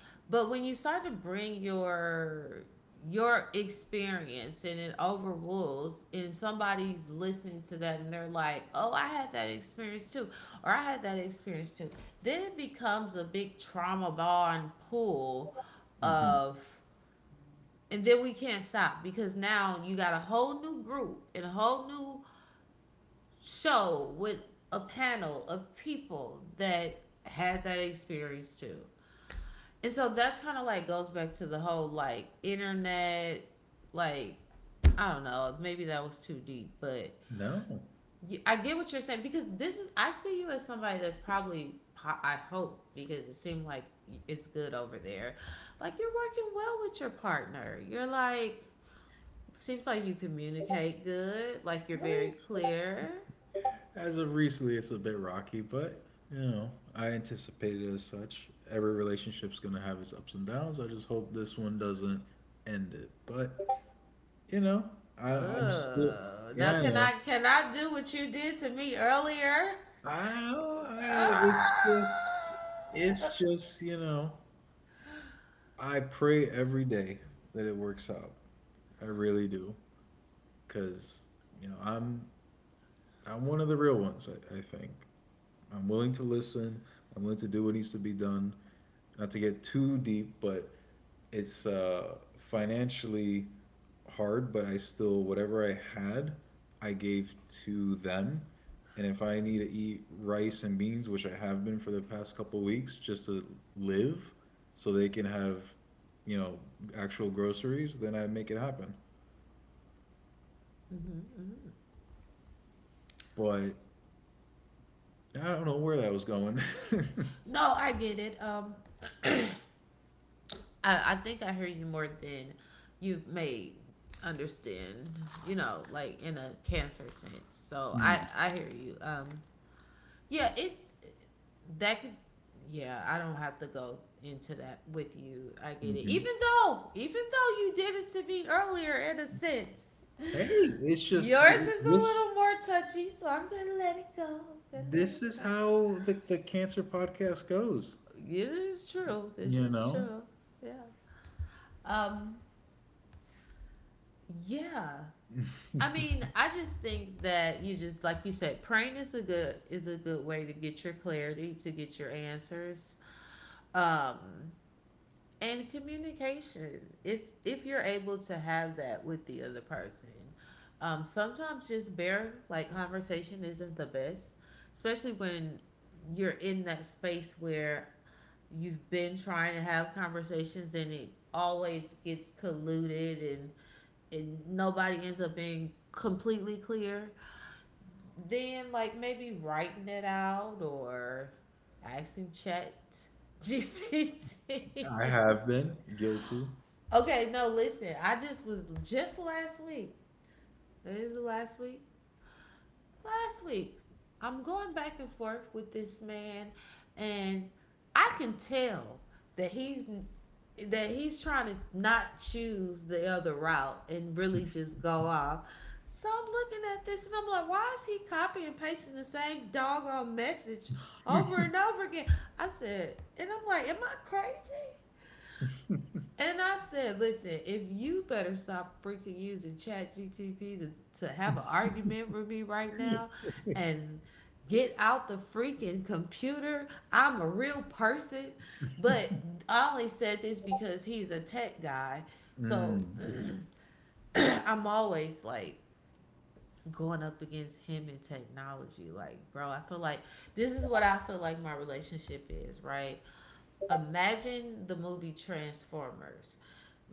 A: but when you start to bring your experience, and it overrules, and somebody's listening to that and they're like, "Oh, I had that experience too." Or I had that experience too. Then it becomes a big trauma bond pool of.
B: Hmm.
A: And then we can't stop because now you got a whole new group and a whole new show with a panel of people that had that experience too. And so that's kind of like goes back to the whole like internet, like, I don't know, maybe that was too deep, but
B: No.
A: I get what you're saying, because this is, I see you as somebody that's probably, I hope, because it seemed like it's good over there. Like, you're working well with your partner. You're like, seems like you communicate good. Like you're very
B: Really?
A: clear.
B: As of recently, it's a bit rocky, but I anticipated as such. Every relationship's gonna have its ups and downs. I just hope this one doesn't end it. But you know, I'm still,
A: Oh, now can
B: yeah, I
A: I
B: know.
A: can I do what you did to me earlier?
B: I know.
A: Ah!
B: It's just, you know, I pray every day that it works out. I really do, because you know, I'm, I'm one of the real ones. I think. I'm willing to listen. I'm willing to do what needs to be done. Not to get too deep, but it's financially hard. But I still, whatever I had, I gave to them. And if I need to eat rice and beans, which I have been for the past couple of weeks, just to live, so they can have, you know, actual groceries, then I make it happen. But I don't know where that was going.
A: No, I get it. I think I hear you more than you may understand. Like in a cancer sense. So I
B: Mm,
A: hear you. Yeah, it's, that could, yeah, I don't have to go into that with you. I get it, even
B: mhm.
A: though even though you did it to me earlier in a sense.
B: Hey, it's
A: Yours
B: just
A: is a little more
B: this.
A: touchy, so I'm gonna let it go. I'm gonna let it go.
B: This is how the cancer podcast
A: It
B: goes.
A: is true. This is
B: You
A: true.
B: know,
A: Yeah. Um yeah, I mean, I just think that, you just like you said, praying is a good, is a good way to get your clarity, to get your answers. Um and communication, if you're able to have that with the other person. Sometimes just bare, like, conversation isn't the best, especially when you're in that space where you've been trying to have conversations and it always gets colluded and nobody ends up being completely clear. Then like maybe writing it out, or asking Chat GPT.
B: I have been guilty.
A: Okay, no, listen. I just was, just last week. It is the last week. Last week, I'm going back and forth with this man, and I can tell that he's trying to not choose the other route and really just go off. So I'm looking at this and I'm like, why is he copying and pasting the same doggone message over and over again? I said, and I'm like, am I crazy? And I said, listen, if you better stop freaking using Chat GTP to have an argument with me right now, and get out the freaking computer. I'm a real person. But I only said this because he's a tech guy. So
B: Mm.
A: I'm always like going up against him in technology. Like, bro, I feel like this is what I feel like my relationship is, right? Imagine the movie Transformers, like,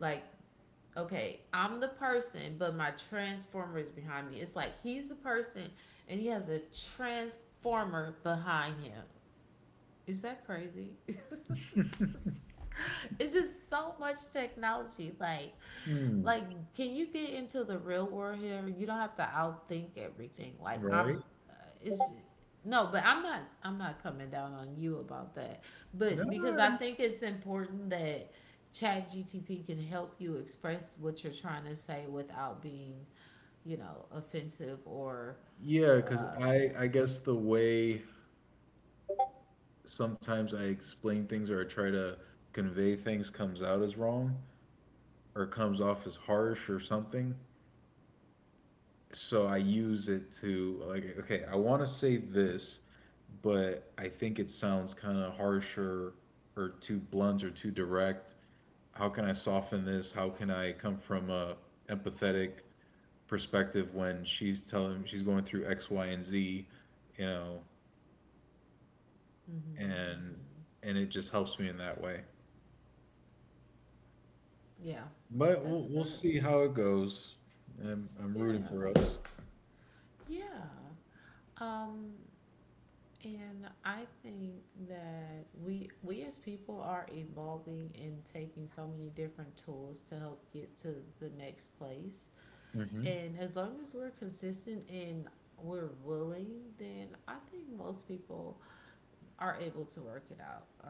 A: okay, I'm the person, but my transformer is behind me. It's like he's the person and he has a transformer behind him. Is that crazy? It's just so much technology. Like,
B: Mm.
A: can you get into the real world here? You don't have to outthink everything. Like, I'm, uh,
B: Right?
A: is no, but I'm not. I'm not coming down on you about that. But
B: No,
A: because I
B: no,
A: think
B: no.
A: it's important that Chat GTP can help you express what you're trying to say without being, offensive, or.
B: Yeah,
A: Uh,
B: because I guess the way sometimes I explain things or I try to convey things comes out as wrong or comes off as harsh or something. So I use it to like okay, I want to say this, but I think it sounds kind of harsher or too blunt or too direct. How can I soften this? How can I come from a empathetic perspective when she's telling she's going through X, Y, and Z, you know,
A: hmm hmm
B: and and it just helps me in that way.
A: yeah, that's
B: But we'll
A: good.
B: we'll see how it goes. I'm rooting
A: Yeah,
B: for us.
A: yeah. Um, And I think that we as people are evolving and taking so many different tools to help get to the next place. And
B: Hmm.
A: as long as we're consistent and we're willing, then I think most people are able to work it out.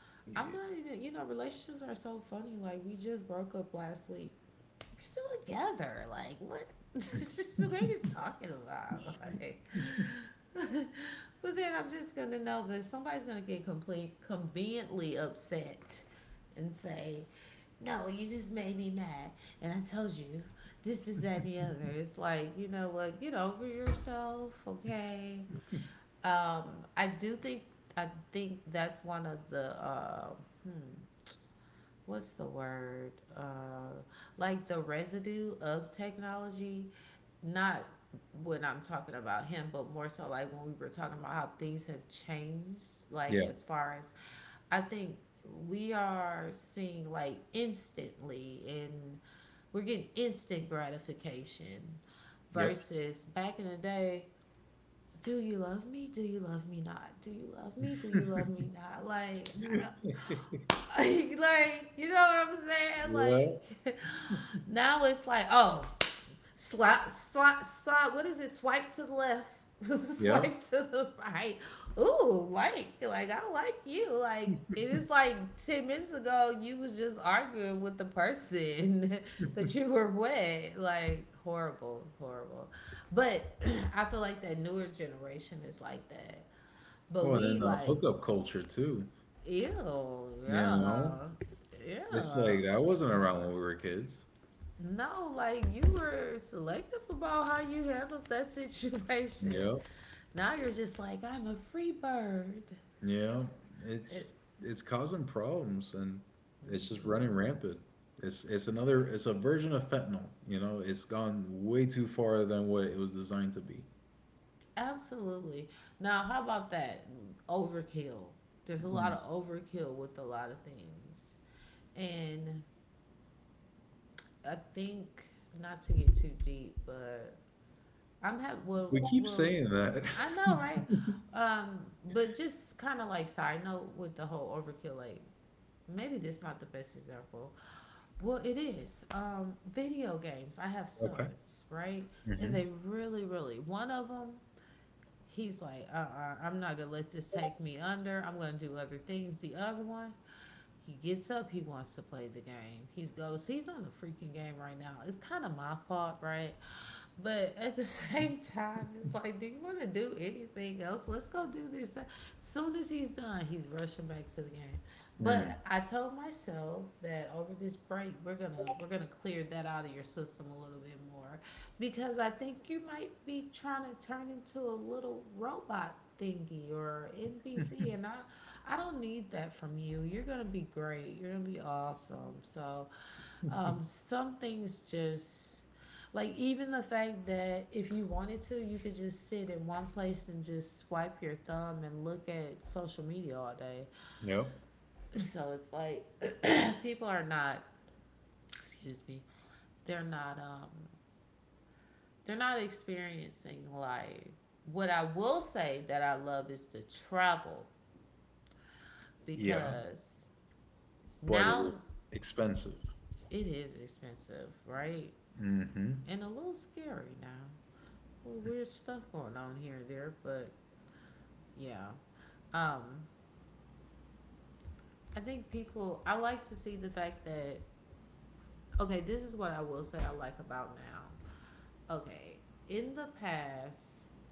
A: I'm not even, relationships are so funny. Like we just broke up last week. We're still together. Like what? What are you talking about? Like. But then I'm just gonna know that somebody's gonna get complete, conveniently upset, and say, no, you just made me mad and I told you this is that and the other. It's like, you know what, get over yourself, okay? Um, I do think I think that's one of the, hmm, what's the word, like the residue of technology, not when I'm talking about him, but more so like when we were talking about how things have changed, like, as
B: Yeah.
A: far as, I think we are seeing like instantly, and we're getting instant gratification
B: Yep.
A: versus back in the day. Do you love me, do you love me not, do you love me, do you love me not, like like, you know what I'm saying?
B: Yeah.
A: Like, now it's like, oh, slap, slap, slap. What is it? Swipe to the left. Swipe to
B: Yep.
A: the right. Ooh, like, I like you. Like it is like 10 minutes ago, you was just arguing with the person that you were with. Like, horrible, horrible. But I feel like that newer generation is like that. But we
B: Oh, and
A: like.
B: then the hookup culture too.
A: Ew,
B: You
A: yeah.
B: know,
A: Yeah.
B: it's like that wasn't around when we were kids.
A: No, like you were selective about how you handled that situation.
B: Yep.
A: Now you're just like, I'm a free bird.
B: Yeah.
A: It,
B: It's it's causing problems and it's just running rampant. It's a version of fentanyl. It's gone way too far than what it was designed to be.
A: absolutely. Now, how about that? Overkill. There's a lot of
B: Mm.
A: overkill with a lot of things. And I think, not to get too deep, but I'm having, well,
B: We keep saying
A: I
B: that.
A: know, right? Um, but just kind of like side note with the whole overkill, like maybe this not the best example. Well, it is. Video games. I have
B: Okay.
A: sons, right? And they
B: Hmm.
A: really, really, one of them. He's like, uh-uh, I'm not gonna let this take me under. I'm gonna do other things. The other one, he gets up, he wants to play the game. He goes, he's on a freaking game right now. It's kind of my fault, right? But at the same time, it's like, do you want to do anything else? Let's go do this. As soon as he's done, he's rushing back to the game. But I
B: Mm.
A: told myself that over this break we're gonna clear that out of your system a little bit more because I think you might be trying to turn into a little robot thingy or NPC, and I don't need that from you. You're gonna be great. You're gonna be awesome. So some things, just like even the fact that if you wanted to, you could just sit in one place and just swipe your thumb and look at social media all day,
B: Yep.
A: so it's like people are not, excuse me, they're not um they're not experiencing life. What I will say that I love is to travel
B: Yeah,
A: because now
B: but it is expensive.
A: it is expensive, right? And a
B: Hmm.
A: little scary now. Well, weird stuff going on here and there, but yeah. Um I think people I like to see the fact that, okay, this is what I will say I like about now. Okay, in the past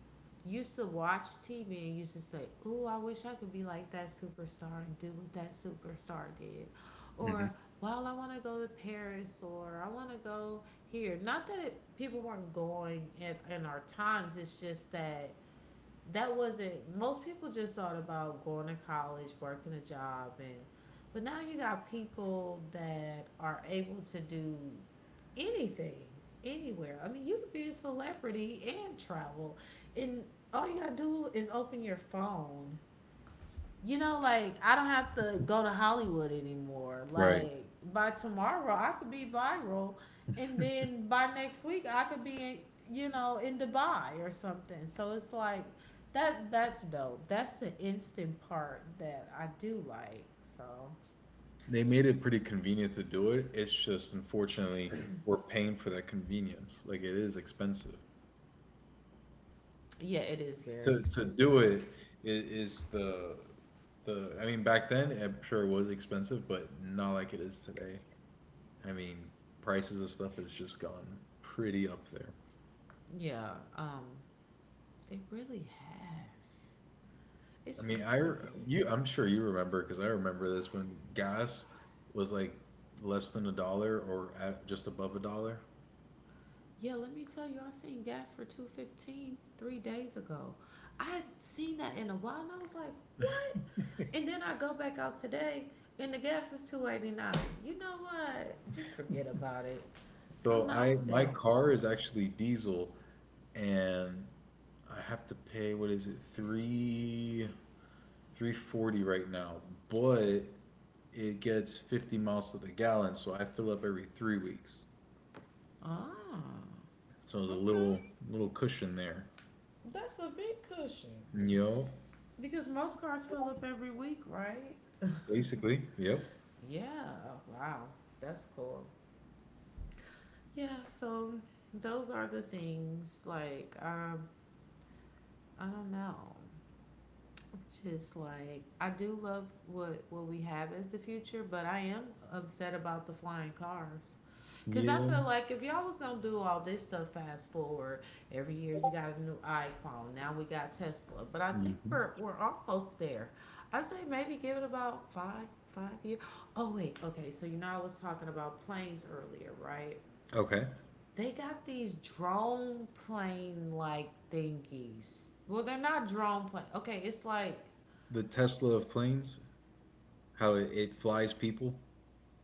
A: used to watch TV and used to say, "Oh, I wish I could be like that superstar and do what that superstar did," or
B: Hmm.
A: "Well, I want to go to Paris," or "I want to go here." Not that it, people weren't going in our times. It's just that that wasn't, most people just thought about going to college, working a job, and but now you got people that are able to do anything anywhere. I mean, you could be a celebrity and travel, and all you got to do is open your phone, like I don't have to go to Hollywood anymore. Like
B: Right.
A: by tomorrow, I could be viral, and then by next week, I could be, in Dubai or something. So it's like that. That's dope. That's the instant part that I do like. So
B: They made it pretty convenient to do it. It's just unfortunately we're paying for that convenience. Like it is expensive
A: yeah, it is very
B: to
A: expensive.
B: to do it. Is is the I mean back then I'm sure it was expensive, but not like it is today. I mean prices of stuff has just gone pretty up there.
A: Yeah, um, it really has. It's
B: I mean
A: ridiculous.
B: I'm sure you remember because I remember this when gas was like less than a dollar or at just above a dollar.
A: Yeah, let me tell you, I seen gas for 2.15 3 days ago. I hadn't seen that in a while, and I was like, "What?" And then I go back out today, and the gas is 2.89. You know what? Just forget about it. I'm not. I'm
B: So I
A: scared.
B: my car is actually diesel, and I have to pay what is it three forty right now, but it gets 50 miles to the gallon, so I fill up every 3 weeks.
A: Ah,
B: So
A: okay.
B: there's a little cushion there.
A: That's a big cushion
B: Yo,
A: because most cars fill up every week, right?
B: basically, yep,
A: Yeah. Wow, that's cool. Yeah. So those are the things. Like, I don't know, just like I do love what we have as the future, but I am upset about the flying cars. Cause I feel like if
B: yeah.
A: y'all was gonna do all this stuff fast forward, every year you got a new iPhone. Now we got Tesla, but I think we're
B: Hmm.
A: almost there. I say maybe give it about five years. Oh wait, okay. So you know I was talking about planes earlier, right?
B: Okay,
A: They got these drone plane like thingies. Well, they're not drone plane. Okay, it's like
B: the Tesla of planes, how it flies people.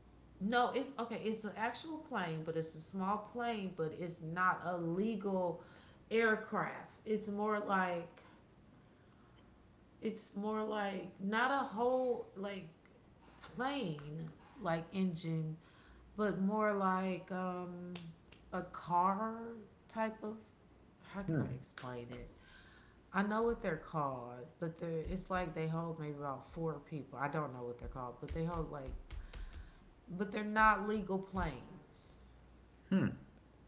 A: no, it's okay. It's an actual plane, but it's a small plane, but it's not a legal aircraft. It's more like not a whole like plane like engine, but more like a car type of, how can I
B: Hmm.
A: explain it? I know what they're called, but they're it's like they hold maybe about four people. I don't know what they're called, but they hold like, but they're not legal planes.
B: Hmm.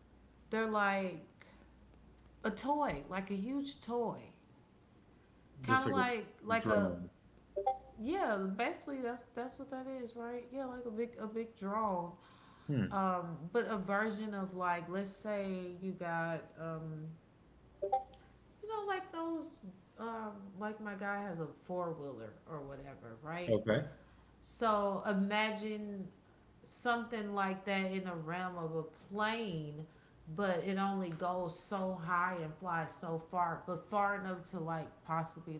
A: They're like a toy, like a huge toy, kind of
B: Just
A: like
B: like a
A: like a,
B: drone.
A: yeah. Basically, that's what that is, right? Yeah, like a big drone,
B: Hmm.
A: but a version of, like, let's say you got, you know, like those, um, like my guy has a four wheeler or whatever, right?
B: Okay.
A: So imagine something like that in the realm of a plane, but it only goes so high and flies so far, but far enough to like possibly like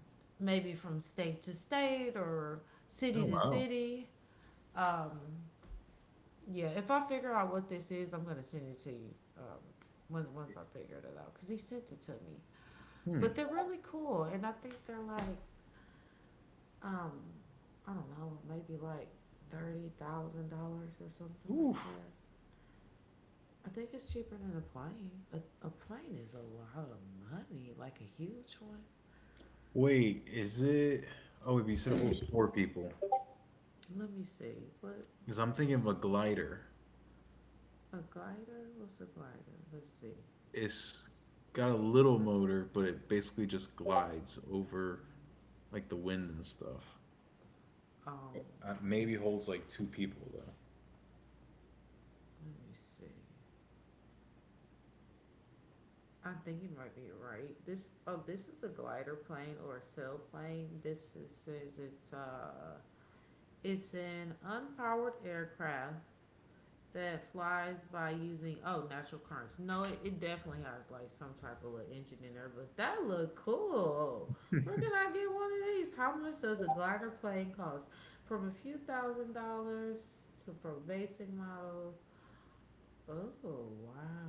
A: maybe from state to state or city to
B: Oh wow.
A: city. Um, yeah, if I figure out what this is, I'm gonna send it to you. Once I figured it out because he sent it to me. But they're
B: Hmm.
A: really cool, and I think they're like, um, I don't know, maybe like $30,000 or something like that.
B: Oof.
A: I think it's cheaper than a plane. A plane is a lot of money, like a huge one.
B: Wait, is it? Oh, wait, but you said holds four people.
A: Let me see. What is
B: Because
A: it?
B: I'm thinking of a glider.
A: A glider? What's a glider? Let's see.
B: It's got a little motor, but it basically just glides over like the wind and stuff.
A: Um,
B: Maybe holds like two people
A: Let me see. I think you might be right. This oh, this is a glider plane or a sailplane. Says it's an unpowered aircraft that flies by using, oh, natural currents. No, it definitely has like some type of little engine in there, but that look cool. Where can I get one of these? How much does a glider plane cost? From a few thousand dollars to from basic model. Oh, wow.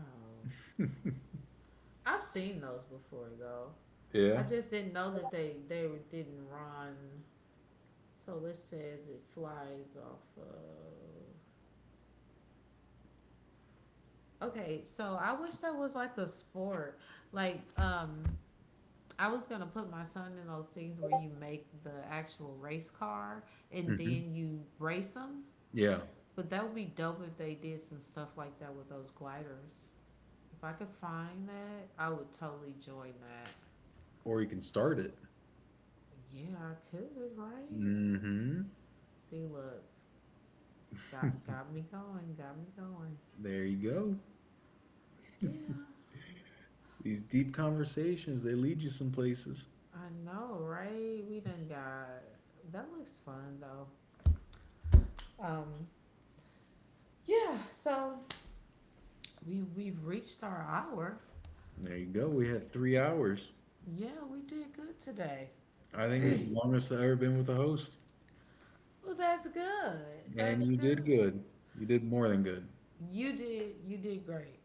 B: though.
A: I've seen those before though. I just
B: Yeah.
A: didn't know that they didn't run. So this says it flies off of, okay, so I wish that was like a sport. Like, I was gonna put my son in those things where you make the actual race car and then you
B: Hmm.
A: race them.
B: Yeah.
A: But that would be dope if they did some stuff like that with those gliders. If I could find that, I would totally join that.
B: Or you can start it.
A: Yeah, I could, right?
B: Hmm.
A: See, look, got me going, got me going.
B: There you go.
A: Yeah,
B: These deep conversations, they lead you some
A: I
B: places.
A: know, right? We done got that looks fun though. Um, yeah, so we've reached our hour.
B: There you go. We had 3 hours.
A: Yeah, we did good today.
B: I think this is the longest I've ever been with a host.
A: Well, that's good. That's good.
B: And you did good. You did more than good.
A: You did great.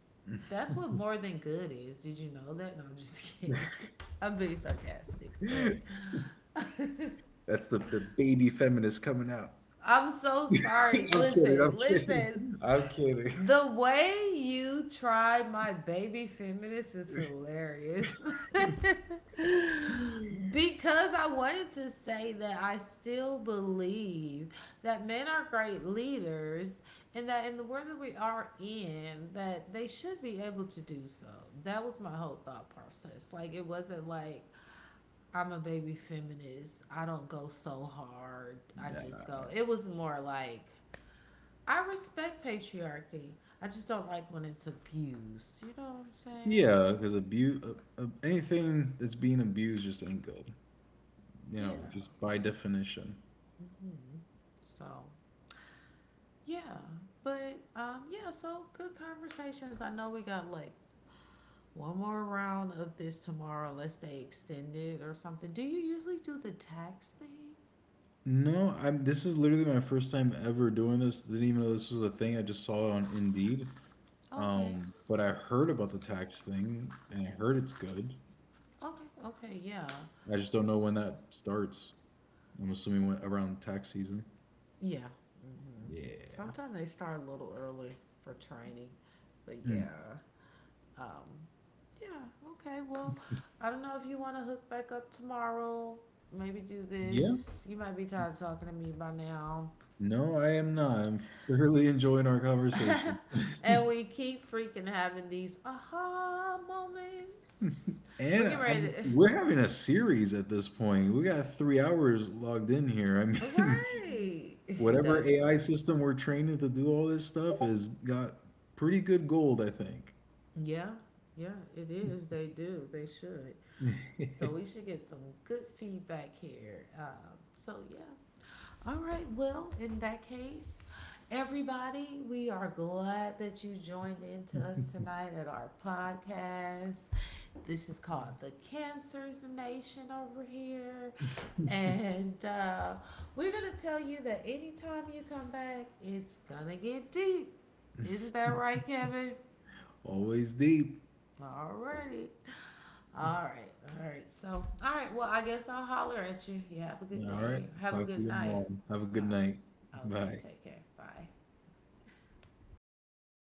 A: That's what more than good is. Did you know that? No, I'm just kidding. I'm being sarcastic, but
B: That's the baby feminist coming out.
A: I'm so sorry.
B: I'm
A: Listen,
B: kidding. I'm
A: listen.
B: kidding. I'm
A: The
B: kidding.
A: way you try my baby feminist is hilarious. Because I wanted to say that I still believe that men are great leaders and that in the world that we are in that they should be able to do so. That was my whole thought process. Like it wasn't like I'm a baby feminist. I don't go so hard. I just go. It was
B: Nah.
A: more like I respect patriarchy. I just don't like when it's abused. You know what I'm saying?
B: Yeah, because abuse, anything that's being abused just ain't good.
A: Yeah.
B: Just by definition.
A: Hmm. So yeah, but yeah. So good conversations. I know we got like one more round of this tomorrow, unless they extend it or something. Do you usually do the tax thing?
B: No, I'm. This is literally my first time ever doing this. Didn't even know this was a thing. I just saw it on Indeed.
A: Okay.
B: But I heard about the tax thing, and I heard it's good.
A: Okay. Okay. Yeah.
B: I just don't know when that starts. I'm assuming when, around tax season.
A: Yeah. hmm Sometimes they
B: Yeah.
A: start a little early for training, but yeah.
B: Hmm.
A: Um, Yeah. Okay. Well, I don't know if you want to hook back up tomorrow. Maybe do this. You
B: Yeah.
A: might be tired of talking to me by now.
B: No, I am not. I'm thoroughly enjoying our conversation.
A: And we keep freaking having these aha moments. We're getting ready
B: And we're having a series at this point. We got 3 hours logged in
A: to.
B: here. I mean,
A: Right. That's funny.
B: whatever AI system we're training to do all this stuff has got pretty good gold, I think.
A: Yeah. Yeah, it is. They do. They should. So we should get some good feedback here. So yeah, all right. Well, in that case, everybody, we are glad that you joined in to us tonight at our podcast. This is called the Cancers Nation over here. And we're going to tell you that anytime you come back, it's going to get deep. Isn't that right, Kevin?
B: Always deep.
A: All righty. All right, all right. So, all right. Well, I guess I'll holler at you. You have a good day.
B: All
A: Have a
B: right.
A: good
B: Talk
A: night.
B: to you tomorrow.
A: All
B: Have a good night.
A: right. Okay. Take care.
B: Bye.
A: Bye.